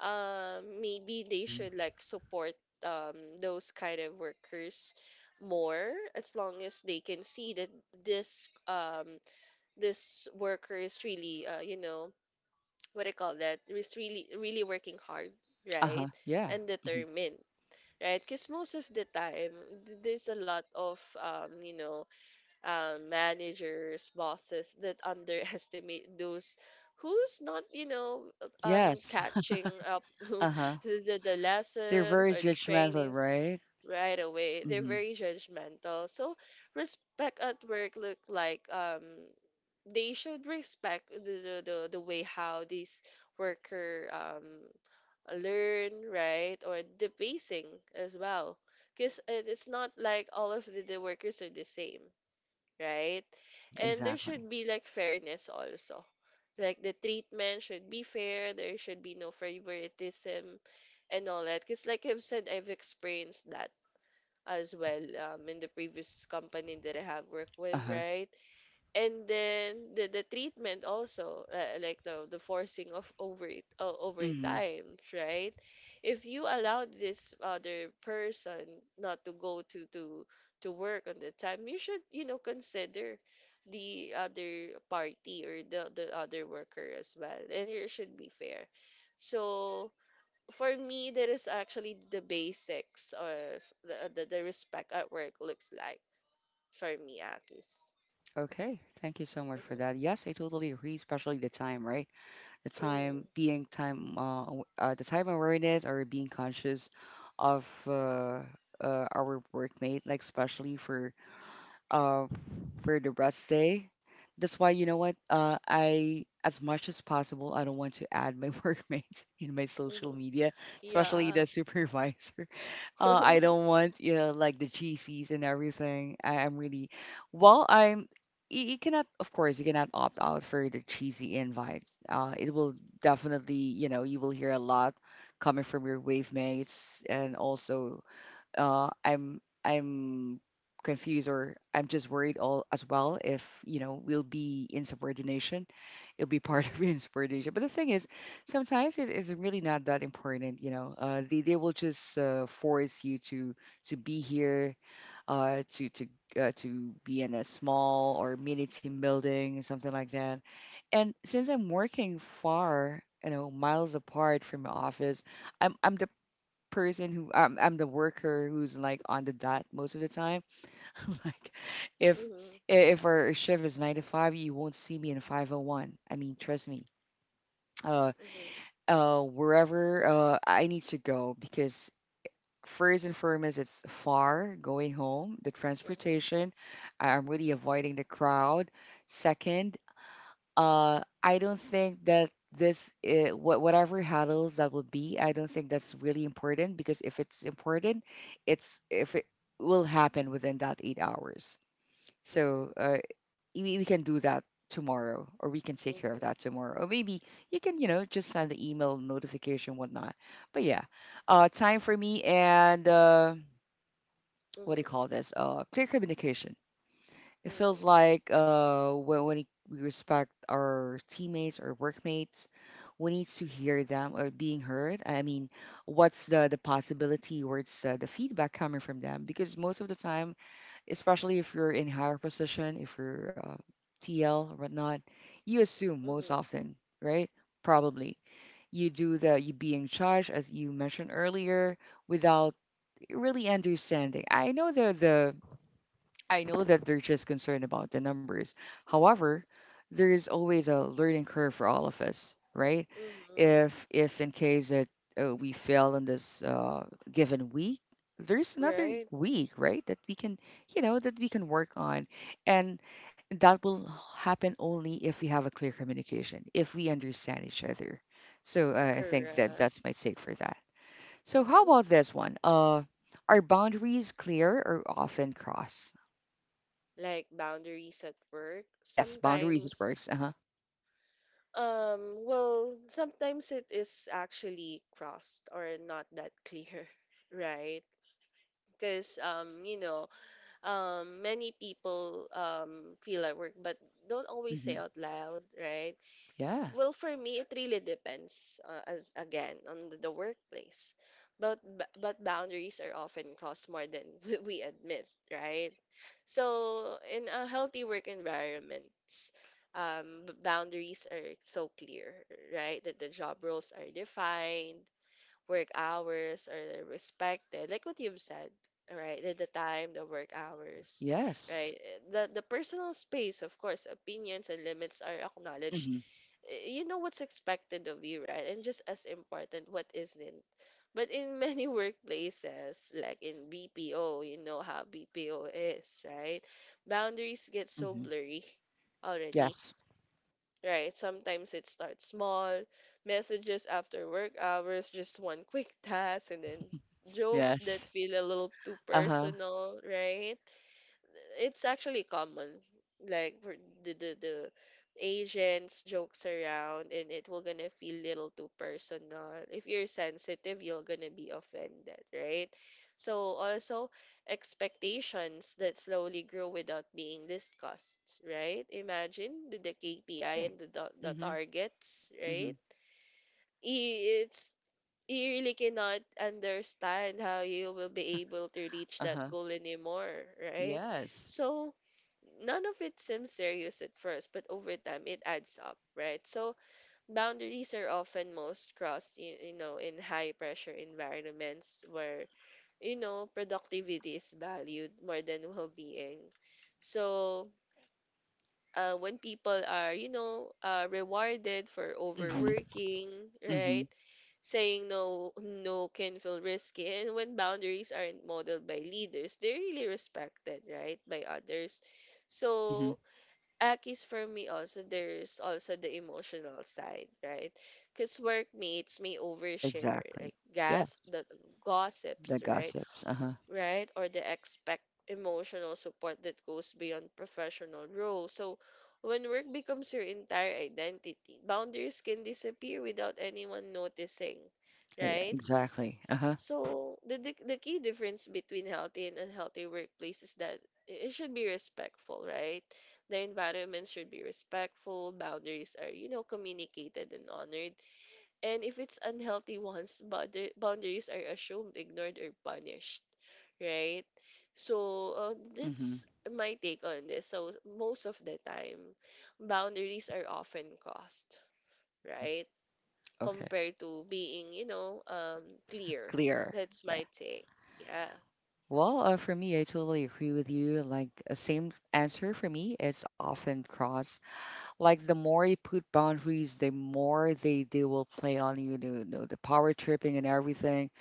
Speaker 2: Um, maybe they
Speaker 1: Mhm.
Speaker 2: should like support, um, those kind of workers more, as long as they can see that this, this worker is really, you know, what I call that is really really working hard, right?
Speaker 1: Uh-huh. Yeah.
Speaker 2: And
Speaker 1: Mhm.
Speaker 2: determined, right? Because most of the time, there's a lot of, you know, managers, bosses that underestimate those who's not, you know,
Speaker 1: Yes.
Speaker 2: catching up the,
Speaker 1: Uh-huh.
Speaker 2: the
Speaker 1: They're
Speaker 2: lessons
Speaker 1: very
Speaker 2: or the
Speaker 1: judgmental,
Speaker 2: trainings
Speaker 1: right?
Speaker 2: right away. They're
Speaker 1: Mhm.
Speaker 2: very judgmental. So respect at work look like, they should respect the way how these worker, learn, right? Or the pacing as well. Because it's not like all of the workers are the same, right?
Speaker 1: Mm,
Speaker 2: And there
Speaker 1: exactly.
Speaker 2: should be like fairness also. Like the treatment should be fair, there should be no favoritism and all that. Because like I've said, I've experienced that as
Speaker 1: Mhm.
Speaker 2: well, in the previous company that I have worked with,
Speaker 1: Uh-huh.
Speaker 2: right? And then the treatment also, like the forcing of over
Speaker 1: Mhm.
Speaker 2: time, right? If you allow this other person not to go to work on the time, you should, you know, consider the other party or the other worker as well, and it should be fair. So for me, that is actually the basics of the respect at work looks like, for me, Akis.
Speaker 1: Okay. Thank you so much for that.
Speaker 2: Mm-hmm.
Speaker 1: Yes, I totally agree, especially the time, right? The time,
Speaker 2: Mm-hmm.
Speaker 1: being time the time awareness or being conscious of our workmate, like especially uh, for the rest day. That's why, you know what? As much as possible, I don't want to add my workmates in my
Speaker 2: Mm-hmm.
Speaker 1: social media, especially
Speaker 2: Yeah.
Speaker 1: the supervisor. I don't want, you know, like the GCs and everything. I am really, well, I'm, you cannot, of course, you cannot opt out for the cheesy invite. It will definitely, you know, you will hear a lot coming from your wave mates. And also I'm confused, or I'm just worried all as well, if you know we'll be insubordination. It'll be part
Speaker 2: Mm-hmm.
Speaker 1: of insubordination. But the thing is, sometimes it is really not that important. You know, they will just force you to be here, uh, to to to be in a small or mini team building, something like that. And since I'm working far, you know, miles apart from my office, I'm the person who I'm the worker who's like on the dot most of the time. Like if
Speaker 2: Mm-hmm.
Speaker 1: if our shift is nine to five, you won't see me in 501. I mean, trust me. Uh,
Speaker 2: Mm-hmm.
Speaker 1: wherever I need to go, because first and foremost, it's far going home, the
Speaker 2: Mm-hmm.
Speaker 1: transportation. I'm really avoiding the crowd. Second, I don't think that this whatever handles that would be, I don't think that's really important, because if it's important, it's if it will happen within that 8 hours. So
Speaker 2: Mm-hmm.
Speaker 1: we can do that tomorrow, or we can take care of that tomorrow, or maybe you can, you know, just send the email notification whatnot. But yeah, time for me, and
Speaker 2: Mm-hmm.
Speaker 1: what do you
Speaker 2: Mm-hmm.
Speaker 1: call this? Clear communication. It feels
Speaker 2: Mm-hmm.
Speaker 1: like when it- we respect our teammates or workmates, we need to hear them or being heard. I mean, what's the possibility, what's the feedback coming from them? Because most of the time, especially if you're in higher position, if you're TL or whatnot, you assume most
Speaker 2: Mm-hmm.
Speaker 1: often, right? Probably. You do the you being charged, as you mentioned earlier, without really understanding. I know the I know that they're just concerned about the numbers. However, there is always a learning curve for all of us, right?
Speaker 2: Mm-hmm.
Speaker 1: If In case that we fail in this given week, there's another
Speaker 2: Right?
Speaker 1: week, right? That we can, you know, that we can work on, and that will happen only if we have a clear communication, if we understand each other. So I think that
Speaker 2: Correct.
Speaker 1: that's my take for that. So how
Speaker 2: Mm-hmm.
Speaker 1: about this one? Are boundaries clear or often crossed?
Speaker 2: Like boundaries at work.
Speaker 1: Yes, boundaries it
Speaker 2: Sometimes,
Speaker 1: works. Uh huh.
Speaker 2: well, sometimes it is actually crossed or not that clear, right? Because, you know, many people feel at work, but don't always say
Speaker 1: Hmm.
Speaker 2: out loud, right?
Speaker 1: Yeah.
Speaker 2: Well, for me, it really depends, as again, on the workplace. But but boundaries are often crossed more than we admit, right? So in a healthy work environments, boundaries are so clear, right? That the job roles are defined, work hours are respected. Like what you've said, right? The time, the work hours,
Speaker 1: Yes.
Speaker 2: right? The personal space, of course, opinions and limits are acknowledged.
Speaker 1: Hmm.
Speaker 2: You know what's expected of you, right? And just as important, what isn't. But in many workplaces, like in BPO, you know how BPO is, right? Boundaries get so
Speaker 1: Hmm.
Speaker 2: blurry already,
Speaker 1: Yes.
Speaker 2: right? Sometimes it starts small, messages after work hours, just one quick task, and then jokes
Speaker 1: Yes.
Speaker 2: that feel a little too
Speaker 1: Uh huh.
Speaker 2: personal, right? It's actually common. Like for the Asians jokes around, and it will gonna feel little too personal. If you're sensitive, you're gonna be offended, right? So also expectations that slowly grow without being discussed, right? Imagine the KPI
Speaker 1: Right.
Speaker 2: and the
Speaker 1: Hmm.
Speaker 2: targets,
Speaker 1: Hmm.
Speaker 2: right? It's you really cannot understand how you will be able to reach
Speaker 1: Uh
Speaker 2: that
Speaker 1: huh.
Speaker 2: goal anymore, right?
Speaker 1: Yes.
Speaker 2: So none of it seems serious at first, but over time it adds up, right? So boundaries are often most crossed, you know, in high pressure environments where, you know, productivity is valued more than well being. So, when people are, you know, rewarded for
Speaker 1: Hmm.
Speaker 2: overworking,
Speaker 1: Hmm.
Speaker 2: right? Saying no can feel risky. And when boundaries aren't modeled by leaders, they're really respected, right, by others.
Speaker 1: Hmm.
Speaker 2: So, Akis, for me also, there's also the emotional side, right? Because workmates may overshare,
Speaker 1: Exactly.
Speaker 2: like
Speaker 1: Yes.
Speaker 2: gas, the
Speaker 1: The
Speaker 2: gossips, right?
Speaker 1: gossips. Uh huh.
Speaker 2: Right? Or they expect emotional support that goes beyond professional roles. So when work becomes your entire identity, boundaries can disappear without anyone noticing,
Speaker 1: Yeah.
Speaker 2: right?
Speaker 1: Exactly. Uh huh.
Speaker 2: So the key difference between healthy and unhealthy workplace is that it should be respectful, right? The environment should be respectful, boundaries are, you know, communicated and honored. And if it's unhealthy ones, boundaries are assumed, ignored, or punished, right? So
Speaker 1: Mm-hmm.
Speaker 2: that's my take on this. So most of the time, boundaries are often crossed,
Speaker 1: Mm-hmm.
Speaker 2: right?
Speaker 1: Okay.
Speaker 2: Compared to being, clear.
Speaker 1: Clear.
Speaker 2: That's
Speaker 1: Yeah.
Speaker 2: my take. Yeah.
Speaker 1: Well, for me, I totally agree with you. Like, same answer for me. It's often cross. Like the more you put boundaries, the more they will play on you. You know, the power tripping and everything.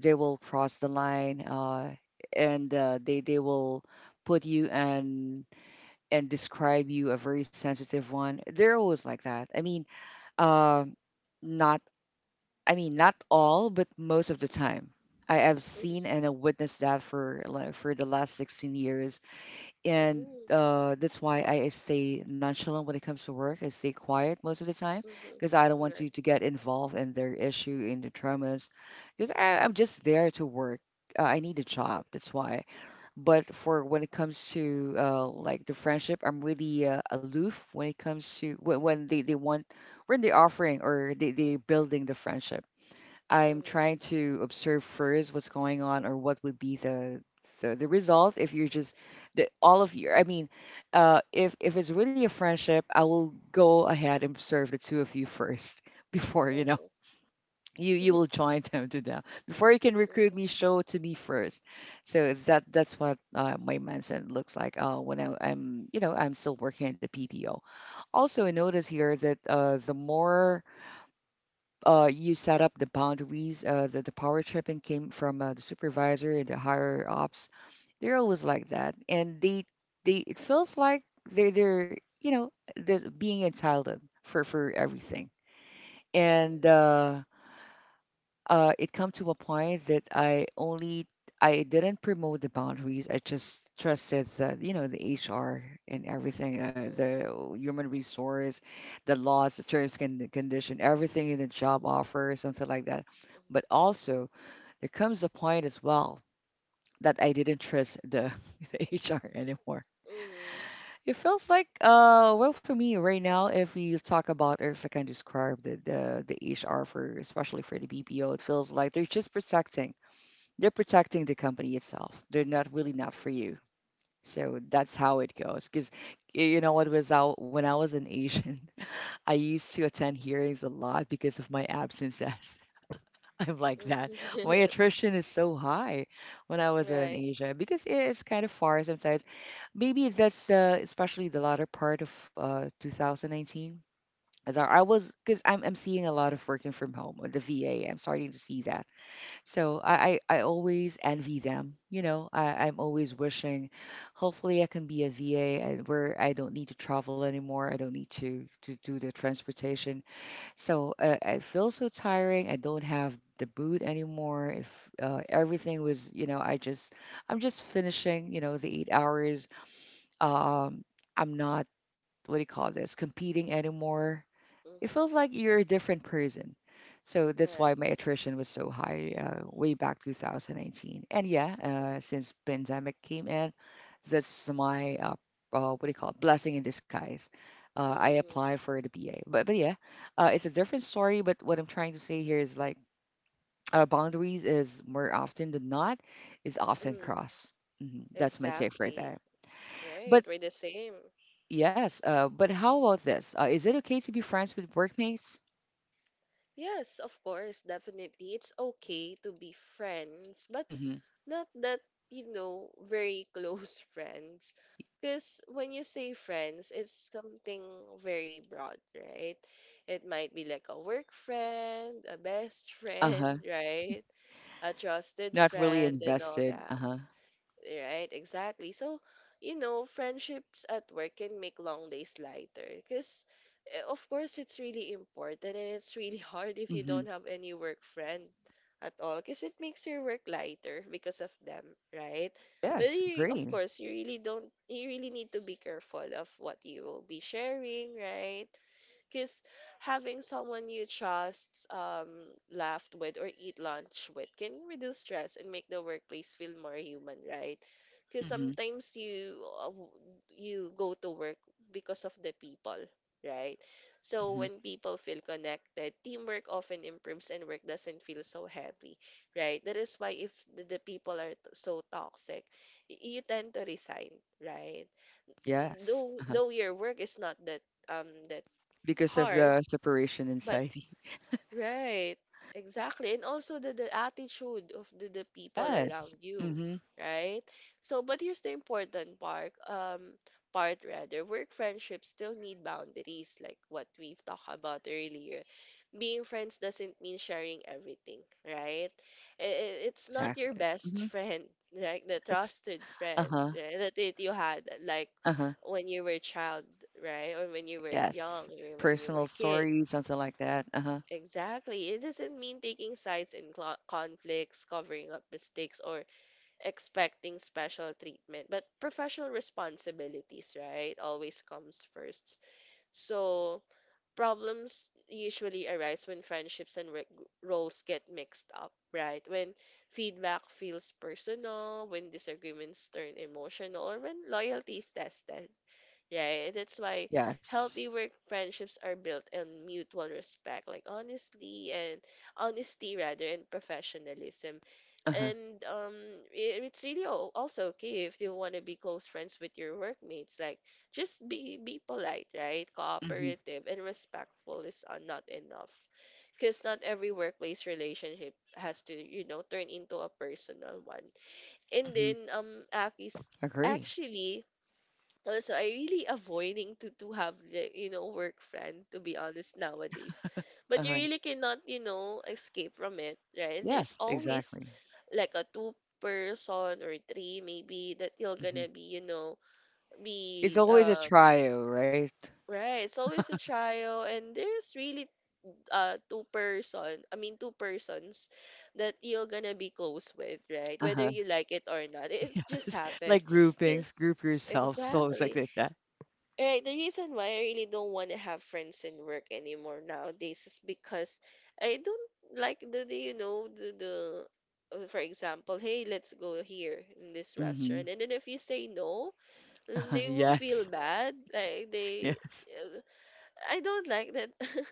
Speaker 1: They will cross the line, and they will put you and describe you a very sensitive one. They're always like that. I mean, uh, not I mean not all, but most of the time. I have seen and I
Speaker 2: Mm-hmm.
Speaker 1: witnessed that for like for the last 16 years, and
Speaker 2: Mm-hmm.
Speaker 1: that's why I stay nonchalant when it comes to work. I stay quiet most of the time
Speaker 2: Mm-hmm.
Speaker 1: because I don't want
Speaker 2: Right.
Speaker 1: to get involved in their issue, in their traumas, because I'm just there to work. I need a job,
Speaker 2: Mm-hmm.
Speaker 1: that's why. But for when it comes to like the friendship, I'm really aloof when it comes to when they want when they're offering or they're building the friendship. I'm
Speaker 2: Mm-hmm.
Speaker 1: trying to observe first what's going on or what would be the the result if you're just the, all of you. I mean, if it's really a friendship, I will go ahead and observe the two of you first before
Speaker 2: Mm-hmm.
Speaker 1: you will join them to them before you can recruit me.
Speaker 2: Mm-hmm.
Speaker 1: Show it to me first. So that's what my mindset looks like when I'm I'm still working at the PPO. Also, I notice here that the more you set up the boundaries. The power tripping came from the supervisor, and the higher ops. They're always like that, and they it feels like they're you know they're being entitled for everything. And
Speaker 2: Mm-hmm.
Speaker 1: it come to a point that I didn't promote the boundaries. I just trusted the the HR and everything, the human resource, the laws, the terms and condition, everything in the job offer, something like that. But also there comes a point as well that I didn't trust the HR anymore.
Speaker 2: Mm-hmm.
Speaker 1: It feels like well, for me right now, if we talk about or if I can describe the HR for especially for the BPO, it feels like they're protecting the company itself. They're not
Speaker 2: Mm-hmm.
Speaker 1: for you. So that's how it goes. Because you know what was out when I was an Asian, I used to attend hearings a lot because of my absences. I'm like that. My
Speaker 2: Mm-hmm.
Speaker 1: attrition is so high when I was in
Speaker 2: Right.
Speaker 1: Asia because it's kind of far sometimes. Maybe that's especially the latter part of 2019. As I was, because I'm seeing a lot of working from home or the VA. I'm starting to see that, so I always envy them. You know, I'm always
Speaker 2: Mm-hmm.
Speaker 1: wishing hopefully I can be a VA, and where I don't need to travel anymore. I don't need to do the transportation. So I feel so tiring. I don't have the boot anymore. If everything was, you know, I'm just finishing. You know, the 8 hours. Um, I'm not, what do you call this, competing anymore. It feels
Speaker 2: Mm-hmm.
Speaker 1: like you're a different person. So that's why
Speaker 2: Right.
Speaker 1: my attrition was so high way back 2019. And yeah, since pandemic came in, that's my what do you call it? Blessing in disguise. I
Speaker 2: Mm-hmm.
Speaker 1: applied for the BA, but yeah, it's a different story. But what I'm trying to say here is like boundaries is more often than not is often
Speaker 2: Mm.
Speaker 1: crossed. Mhm. That's my take for
Speaker 2: Exactly.
Speaker 1: that.
Speaker 2: Right,
Speaker 1: But
Speaker 2: we're the same.
Speaker 1: yes, but how about this? Is it okay to be friends with workmates?
Speaker 2: Yes, of course, definitely. It's okay to be friends, but
Speaker 1: Mm-hmm.
Speaker 2: not that, you know, very close friends. Because when you say friends, it's something very broad, right? It might be like a work friend, a best friend,
Speaker 1: Uh-huh.
Speaker 2: right? A trusted
Speaker 1: Not really
Speaker 2: friend, and all
Speaker 1: invested.
Speaker 2: that.
Speaker 1: Uh-huh.
Speaker 2: Right, exactly. So, you know, friendships at work can make long days lighter because, of course, it's really important and it's really hard if you
Speaker 1: Hmm.
Speaker 2: don't have any work friend at all because it makes your work lighter because of them, right? But
Speaker 1: Yes,
Speaker 2: you, of
Speaker 1: agree.
Speaker 2: course, you really don't, you really need to be careful of what you will be sharing, right? Because having someone you trust laugh with or eat lunch with can reduce stress and make the workplace feel more human, right? Because
Speaker 1: Hmm.
Speaker 2: sometimes you uh, w- you go to work because of the people, right? So
Speaker 1: Hmm.
Speaker 2: when people feel connected, teamwork often improves and work doesn't feel so heavy, right? That is why if the people are so toxic, you tend to resign, right?
Speaker 1: Yes.
Speaker 2: Though
Speaker 1: Uh-huh.
Speaker 2: though your work is not that that
Speaker 1: Because of
Speaker 2: hard,
Speaker 1: the separation
Speaker 2: but
Speaker 1: anxiety.
Speaker 2: right, exactly. And also the attitude of the people around
Speaker 1: Yes.
Speaker 2: you,
Speaker 1: Hmm.
Speaker 2: right? So but here's the important part, part rather. Work friendships still need boundaries, like what we've talked about earlier. Being friends doesn't mean sharing everything, right? It's not your
Speaker 1: Exactly.
Speaker 2: best
Speaker 1: Hmm.
Speaker 2: friend, like the
Speaker 1: That's
Speaker 2: trusted friend,
Speaker 1: uh-huh.
Speaker 2: right? That it you had like
Speaker 1: Uh-huh.
Speaker 2: when you were a child, right? Or when you were
Speaker 1: Yes.
Speaker 2: young, or when you were
Speaker 1: Personal
Speaker 2: a kid.
Speaker 1: story, something like that. Uh-huh.
Speaker 2: Exactly. It doesn't mean taking sides in conflicts, covering up mistakes, or expecting special treatment, but professional responsibilities, right, always comes first. So, problems usually arise when friendships and roles get mixed up, right? When feedback feels personal, when disagreements turn emotional, or when loyalty is tested, right? That's why
Speaker 1: Yes.
Speaker 2: healthy work friendships are built on mutual respect, like honestly and honesty rather and professionalism.
Speaker 1: Uh-huh.
Speaker 2: And it's really also okay if you want to be close friends with your workmates. Like, just be polite, right?
Speaker 1: Hmm.
Speaker 2: Cooperative and respectful is not enough, because not every workplace relationship has to, you know, turn into a personal one. And
Speaker 1: Hmm.
Speaker 2: then Aki's
Speaker 1: Agree.
Speaker 2: actually also, I really avoiding to have the you know work friend to be honest nowadays, but you
Speaker 1: Uh-huh.
Speaker 2: really cannot you know escape from it, right? There's
Speaker 1: Yes,
Speaker 2: always
Speaker 1: exactly.
Speaker 2: like a two person or three maybe that you're
Speaker 1: Hmm.
Speaker 2: gonna be you know
Speaker 1: It's
Speaker 2: be
Speaker 1: always a trio, right?
Speaker 2: right. It's always a trial, and there's really two person. I mean two persons that you're gonna be close with, right? Whether
Speaker 1: Uh-huh.
Speaker 2: you like it or not, it's just
Speaker 1: Yes.
Speaker 2: happened.
Speaker 1: Like
Speaker 2: 'Cause-
Speaker 1: groupings, group yourself, so it's like
Speaker 2: Exactly.
Speaker 1: that.
Speaker 2: Right, the reason why I really don't want to have friends in work anymore nowadays is because I don't like the you know the for example, hey, let's go here in this
Speaker 1: Hmm.
Speaker 2: restaurant, and then if you say no, then they will feel
Speaker 1: Yes.
Speaker 2: bad. Like they,
Speaker 1: Yes.
Speaker 2: uh, I don't like that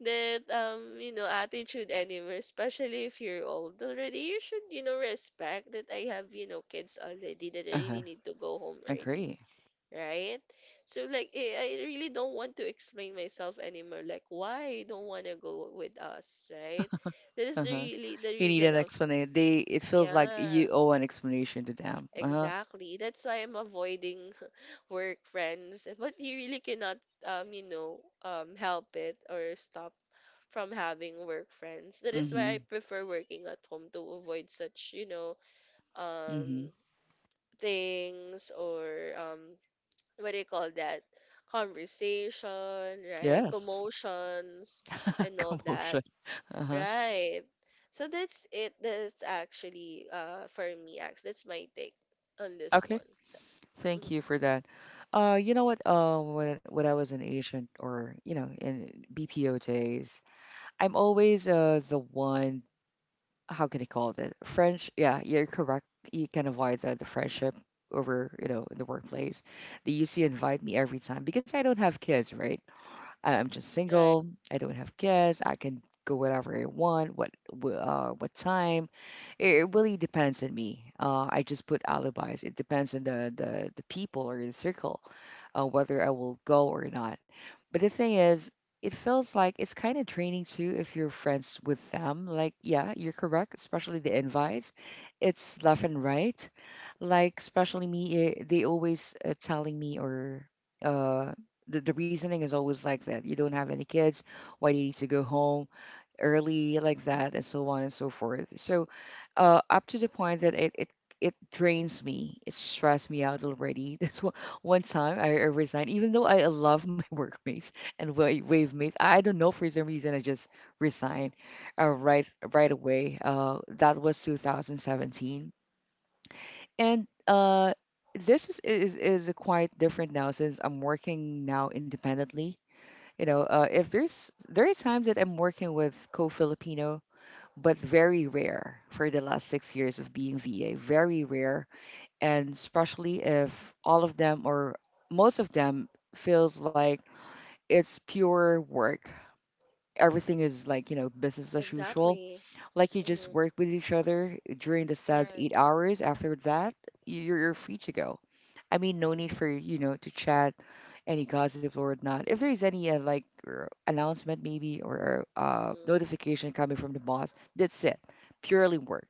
Speaker 2: that you know attitude anymore. Especially if you're old already, you should you know respect that I have you know kids already that I really
Speaker 1: Uh-huh.
Speaker 2: need to go home early,
Speaker 1: Agree.
Speaker 2: right? So like I really don't want to explain myself anymore. Like why you don't want to go with us, right? That is the
Speaker 1: Uh-huh.
Speaker 2: really the
Speaker 1: You need
Speaker 2: reason
Speaker 1: an
Speaker 2: of
Speaker 1: explanation. They, it feels like
Speaker 2: yeah,
Speaker 1: you owe an explanation to them. Uh-huh.
Speaker 2: exactly. That's why I'm avoiding work friends. But you really cannot you know help it or stop from having work friends. That is
Speaker 1: Mm-hmm.
Speaker 2: why I prefer working at home to avoid such you know
Speaker 1: Mm-hmm.
Speaker 2: um things or what do you call that conversation, right,
Speaker 1: Yes.
Speaker 2: commotions and all that,
Speaker 1: Commotion. Uh-huh.
Speaker 2: right, so that's it. That's actually for me, Ax. That's my take on this
Speaker 1: Okay.
Speaker 2: one.
Speaker 1: Thank you for that. You know what? When I was an agent, or you know, in BPO days, I'm always the one. How can you call it? French? Yeah, you're correct. You can avoid the friendship over, you know, in the workplace. They used to invite me every time because I don't have kids, right? I'm just
Speaker 2: Right,
Speaker 1: single. I don't have kids. I can go wherever I want, what what time. It really depends on me. I just put alibis. It depends on the people or the circle, whether I will go or not. But the thing is, it feels like it's kind of draining too if you're friends with them. Like, yeah, you're correct, especially the invites. It's left and right, like especially me, eh, they always telling me or uh the reasoning is always like that. You don't have any kids. Why do you need to go home early, like that, and so on and so forth. So, up to the point that it drains me. It stressed me out already. That's one time I resigned, even though I love my workmates and wave mates. I don't know, for some reason I just resigned, uh, right right away. That was 2017, and this is quite different now since I'm working now independently. You know, if there are times that I'm working with co-Filipino, but very rare for the last 6 years of being VA. Very rare, and especially if all of them or most of them feels like it's pure work. Everything is, like, you know, business as usual.
Speaker 2: exactly.
Speaker 1: Like, you just
Speaker 2: Mm-hmm.
Speaker 1: work with each other during the set
Speaker 2: Right.
Speaker 1: 8 hours. After that, you're free to go. I mean, no
Speaker 2: Mm-hmm.
Speaker 1: need for, you know, to chat any gossip or whatnot. If there's any announcement maybe, or
Speaker 2: Mm-hmm.
Speaker 1: notification coming from the boss, that's it. Purely work.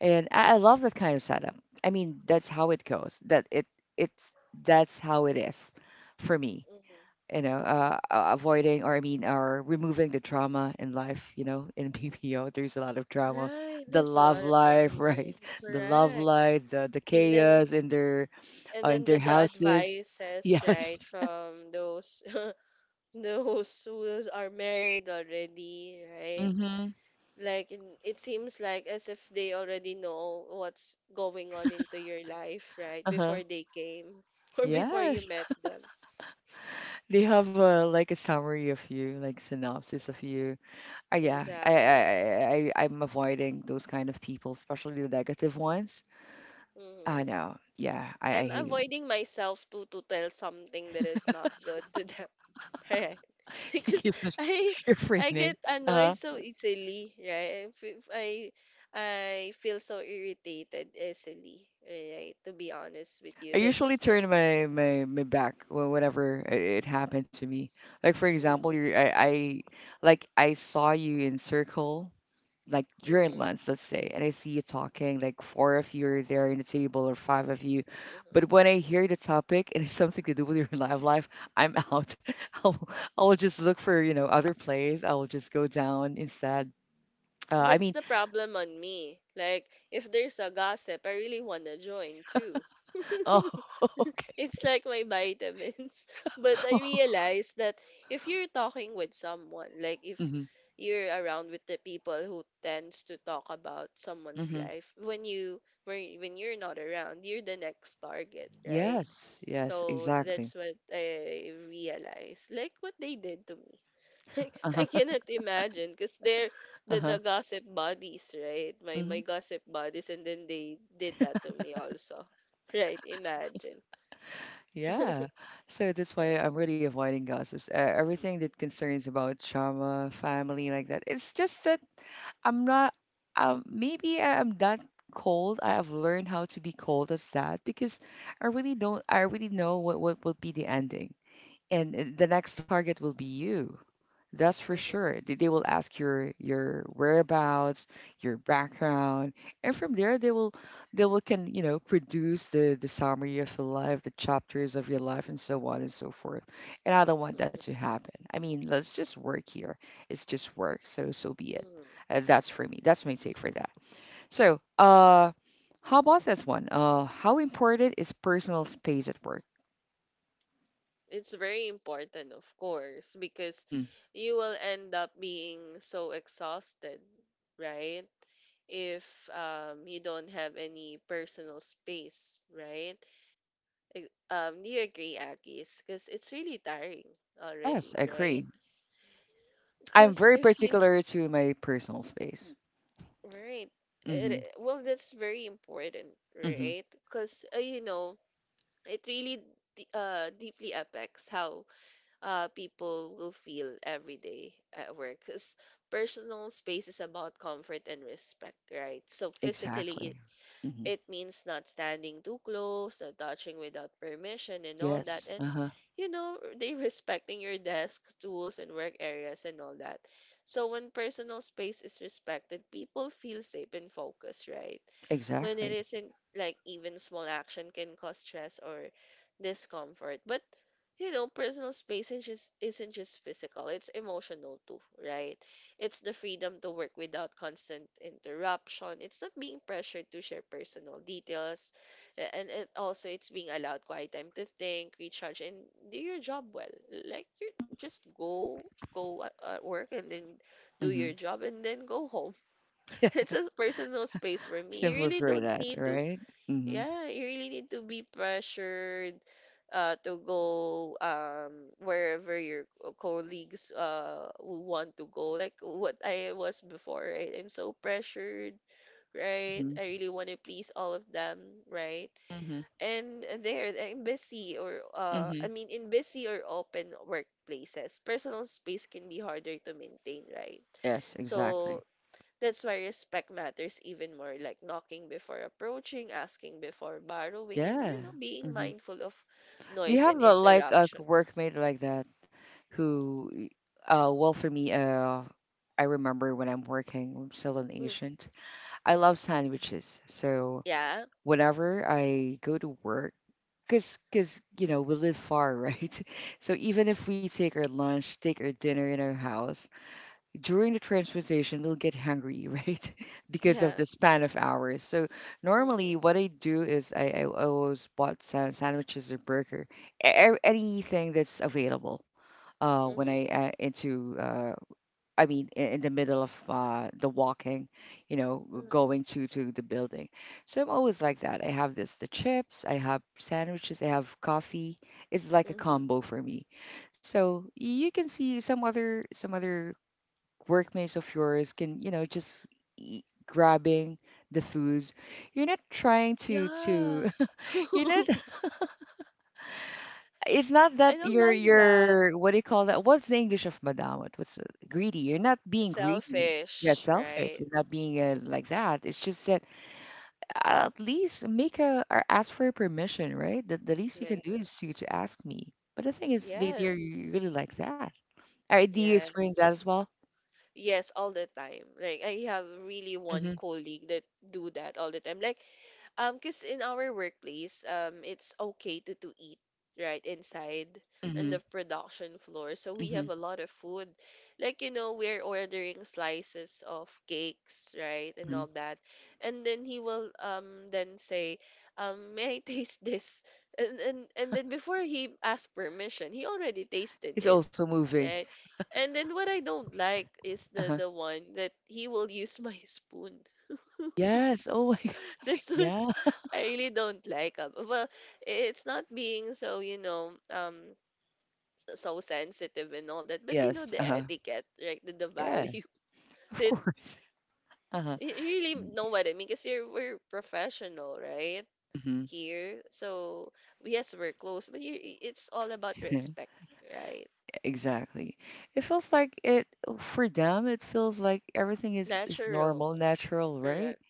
Speaker 1: And I love that kind of setup. I mean, that's how it goes. It's that's how it is for me,
Speaker 2: Mm-hmm.
Speaker 1: you know, avoiding, or I mean, or removing the trauma in life, you know, in PPO, there's a lot of trauma.
Speaker 2: Right,
Speaker 1: The
Speaker 2: that's a
Speaker 1: love
Speaker 2: lot of
Speaker 1: life,
Speaker 2: drama.
Speaker 1: right? The love
Speaker 2: Correct.
Speaker 1: life, the
Speaker 2: And then
Speaker 1: chaos
Speaker 2: and
Speaker 1: in
Speaker 2: then
Speaker 1: their
Speaker 2: the
Speaker 1: houses.
Speaker 2: advices
Speaker 1: Yes.
Speaker 2: right from those those who are married already, right?
Speaker 1: Mm-hmm.
Speaker 2: Like in- it seems like as if they already know what's going on into your life, right?
Speaker 1: Uh-huh.
Speaker 2: Before they came or before you
Speaker 1: Yes.
Speaker 2: met them.
Speaker 1: They have a like a summary of you, like synopsis of you. Yeah,
Speaker 2: Exactly.
Speaker 1: I'm avoiding those kind of people, especially the negative ones. I
Speaker 2: Hmm.
Speaker 1: know. Yeah, I
Speaker 2: I'm
Speaker 1: hate it.
Speaker 2: avoiding myself to tell something that is not good to them. Right.
Speaker 1: He
Speaker 2: Because
Speaker 1: keeps it.
Speaker 2: I I
Speaker 1: Refraining.
Speaker 2: get annoyed
Speaker 1: Uh-huh.
Speaker 2: so easily, right? If I feel so irritated easily, right? To be honest with you,
Speaker 1: I usually
Speaker 2: that's me.
Speaker 1: turn my back whenever it happened to me. Like, for example,
Speaker 2: Mm-hmm.
Speaker 1: I like, I saw you in circle, like during
Speaker 2: Mm-hmm.
Speaker 1: lunch, let's say, and I see you talking. Like four of you are there in the table, or five of you.
Speaker 2: Mm-hmm.
Speaker 1: But when I hear the topic and it's something to do with your live life, I'm out. I'll I'll just look for, you know, other plays. I will just go down instead. Uh, I
Speaker 2: That's
Speaker 1: mean,
Speaker 2: the problem on me. Like, if there's a gossip, I really wanna join too.
Speaker 1: oh, okay.
Speaker 2: It's like my vitamins. But I realize that if you're talking with someone, like if
Speaker 1: Mm-hmm,
Speaker 2: you're around with the people who tends to talk about someone's
Speaker 1: mm-hmm.
Speaker 2: life, when you're not around, you're the next target, right?
Speaker 1: Yes, yes,
Speaker 2: So
Speaker 1: exactly.
Speaker 2: that's what I realized. Like what they did to me. I
Speaker 1: Uh-huh,
Speaker 2: cannot imagine because they're the
Speaker 1: uh-huh.
Speaker 2: gossip buddies, right? My
Speaker 1: Hmm.
Speaker 2: my gossip buddies, and then they did that to me also, right? Imagine,
Speaker 1: Yeah. So that's why
Speaker 2: right?
Speaker 1: I'm really avoiding gossips. Everything
Speaker 2: Mm-hmm.
Speaker 1: that concerns about trauma, family, like that. It's just that I'm not, maybe I'm that cold. I have learned how to be cold as that because I really don't, I already know what will be the ending. And the next target will be you. That's for sure.
Speaker 2: Mm-hmm.
Speaker 1: They will ask your whereabouts, your background, and from there they will can, you know, produce the summary of your life, the chapters of your life, and so on and so forth. And I don't want that to
Speaker 2: Mm-hmm.
Speaker 1: happen. I mean, let's just work here. It's just work. So so be it.
Speaker 2: Mm-hmm.
Speaker 1: That's for me. That's my take for that. So how about this one? How important is personal space at work?
Speaker 2: It's very important, of course, because
Speaker 1: Hmm.
Speaker 2: you will end up being so exhausted, right? If you don't have any personal space, right? Do you agree, Akis? Because it's really tiring
Speaker 1: Yes,
Speaker 2: already,
Speaker 1: I
Speaker 2: right?
Speaker 1: agree. I'm
Speaker 2: Because
Speaker 1: very
Speaker 2: if you
Speaker 1: particular to my personal space.
Speaker 2: right. It,
Speaker 1: Mhm,
Speaker 2: well, that's very important,
Speaker 1: mhm,
Speaker 2: right? Because, you know, it really deeply affects how people will feel every day at work. Because personal space is about comfort and respect, right? So physically, it
Speaker 1: exactly. Mhm.
Speaker 2: it means not standing too close, not touching without permission, and all that.
Speaker 1: Yes,
Speaker 2: And,
Speaker 1: uh-huh,
Speaker 2: you know, they respecting your desk, tools, and work areas, and all that. So when personal space is respected, people feel safe and focused, right? When it
Speaker 1: exactly.
Speaker 2: isn't, like, even small action can cause stress or discomfort. But you know, personal space is just, isn't just physical, it's emotional too, right? It's the freedom to work without constant interruption. It's not being pressured to share personal details. And it also it's being allowed quiet time to think, recharge, and do your job well. Like you just go at work and then do your
Speaker 1: Mhm.
Speaker 2: job and then go home.
Speaker 1: Yeah,
Speaker 2: It's a personal space for me. You
Speaker 1: simple
Speaker 2: really
Speaker 1: as right
Speaker 2: don't
Speaker 1: that,
Speaker 2: need to
Speaker 1: right? Mhm,
Speaker 2: yeah, you really need to be pressured, to go wherever your colleagues will want to go. Like what I was before, right? I'm so pressured, right?
Speaker 1: mhm,
Speaker 2: I really want to please all of them, right?
Speaker 1: mhm,
Speaker 2: And there, in busy or I
Speaker 1: mhm.
Speaker 2: mean, in busy or open workplaces, personal space can be harder to maintain, right?
Speaker 1: Yes,
Speaker 2: So
Speaker 1: exactly.
Speaker 2: that's why respect matters even more, like knocking before approaching, asking before borrowing, and you
Speaker 1: Yeah.
Speaker 2: know, being
Speaker 1: Mhm.
Speaker 2: mindful of
Speaker 1: Do you
Speaker 2: noise
Speaker 1: have
Speaker 2: and
Speaker 1: the, like a
Speaker 2: interruptions.
Speaker 1: workmate like that who, well, for me, I remember when I'm working, I'm still an
Speaker 2: Mm.
Speaker 1: agent. I love sandwiches, so.
Speaker 2: Yeah,
Speaker 1: Whenever I go to work, because you know we live far, right? So even if we take our lunch, take our dinner in our house, during the transportation we'll get hungry, right? Because of
Speaker 2: yeah.
Speaker 1: the span of hours. So
Speaker 2: Mm-hmm,
Speaker 1: normally what I do is I always bought sandwiches or burger, anything that's available. When
Speaker 2: mm-hmm,
Speaker 1: I into I mean, I- In the middle of the walking, you know,
Speaker 2: mm-hmm,
Speaker 1: going to the building. So I'm always like that. I have this the chips, I have sandwiches, I have coffee. It's like a
Speaker 2: mm-hmm.
Speaker 1: combo for me. So you can see some other workmates of yours can, you know, just eat, grabbing the foods. You're not trying to
Speaker 2: Yeah.
Speaker 1: to you're not it's not that
Speaker 2: I don't like that.
Speaker 1: you're, what do you call that? What's the English of madamot? What's greedy? You're not being greedy. You're
Speaker 2: Selfish,
Speaker 1: selfish.
Speaker 2: right?
Speaker 1: You're not being like that. It's just that at least make a, or ask for permission, right? The least you can
Speaker 2: Like,
Speaker 1: do
Speaker 2: that.
Speaker 1: is to ask me. But the thing is, they're
Speaker 2: Yes,
Speaker 1: really like that. All right, do you experience
Speaker 2: yes.
Speaker 1: that as well?
Speaker 2: Yes, all the time. Like I have really one
Speaker 1: Mm-hmm.
Speaker 2: colleague that do that all the time. Like cause in our workplace, it's okay to eat right inside in
Speaker 1: Mm-hmm.
Speaker 2: the production floor. So we
Speaker 1: Mm-hmm.
Speaker 2: have a lot of food. Like you know, we're ordering slices of cakes, right, and
Speaker 1: Hmm.
Speaker 2: all that. And then he will then say, may I taste this? And and then before he asked permission, he already tasted
Speaker 1: It's
Speaker 2: it,
Speaker 1: also moving.
Speaker 2: right? And then what I don't like is
Speaker 1: Uh-huh.
Speaker 2: the one that he will use my spoon.
Speaker 1: Yes. Oh my God.
Speaker 2: That's what
Speaker 1: Yeah.
Speaker 2: I really don't like. Well, it's not being so, you know, so sensitive and all that, but you know
Speaker 1: Yes.
Speaker 2: the
Speaker 1: Uh-huh.
Speaker 2: etiquette, right? The
Speaker 1: Yeah.
Speaker 2: value.
Speaker 1: Of
Speaker 2: It
Speaker 1: course. Uh-huh.
Speaker 2: you really know what I mean because you're we're professional, right?
Speaker 1: Mm-hmm.
Speaker 2: Here. So yes, we're close, but you, it's all about respect, right?
Speaker 1: Exactly. It feels like it for them. It feels like everything is
Speaker 2: Natural.
Speaker 1: normal, natural, right?
Speaker 2: Correct.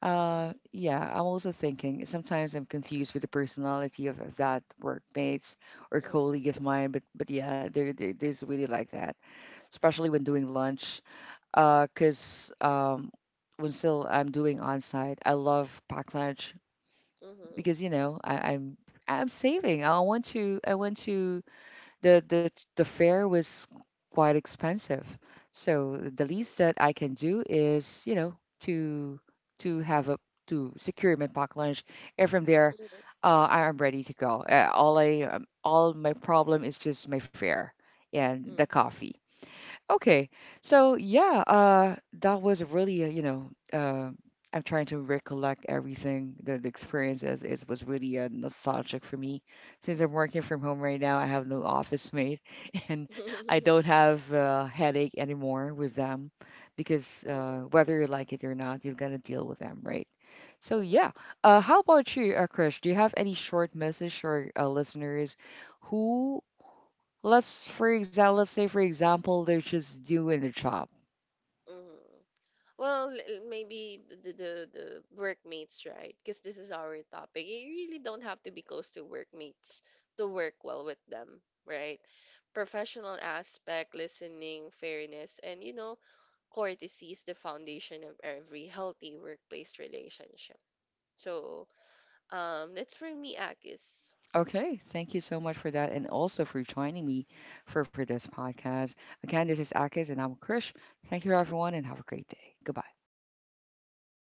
Speaker 2: Mm-hmm,
Speaker 1: Yeah. I'm also thinking sometimes I'm confused with the personality of that workmates or
Speaker 2: mm-hmm,
Speaker 1: colleague of mine, but yeah, there's really like that, especially when doing lunch. 'Cause when still I'm doing on site, I love packed lunch
Speaker 2: mm-hmm,
Speaker 1: because you know I'm saving. I want to the the the fare was quite expensive. So the
Speaker 2: mm-hmm,
Speaker 1: least that I can do is, you know, to to have a to secure my packed lunch, and from there,
Speaker 2: mm-hmm.
Speaker 1: I am ready to go. All my problem is just my fare and the
Speaker 2: Mm-hmm.
Speaker 1: coffee. Okay. So yeah, that was really a, you know, I'm trying to recollect everything. The experience as it was really nostalgic for me. Since I'm working from home right now, I have no office mate, and I
Speaker 2: Mm-hmm.
Speaker 1: don't have a headache anymore with them, because whether you like it or not, you're gonna deal with them, right? So yeah.
Speaker 2: Mm-hmm.
Speaker 1: How about you, Krish? Do you have any short message for listeners who, let's, for example, let's say, for example, they're just doing their job.
Speaker 2: Well, maybe the workmates, right? Because this is our topic. You really don't have to be close to workmates to work well with them, right? Professional aspect, listening, fairness, and you know, courtesy is the foundation of every healthy workplace relationship. So, that's for me, Akis.
Speaker 1: Okay, thank you so much for that, and also for joining me for this podcast. Again, this is Akis and I'm Krish. Thank you everyone, and have a great day. Goodbye.
Speaker 2: All right, bye.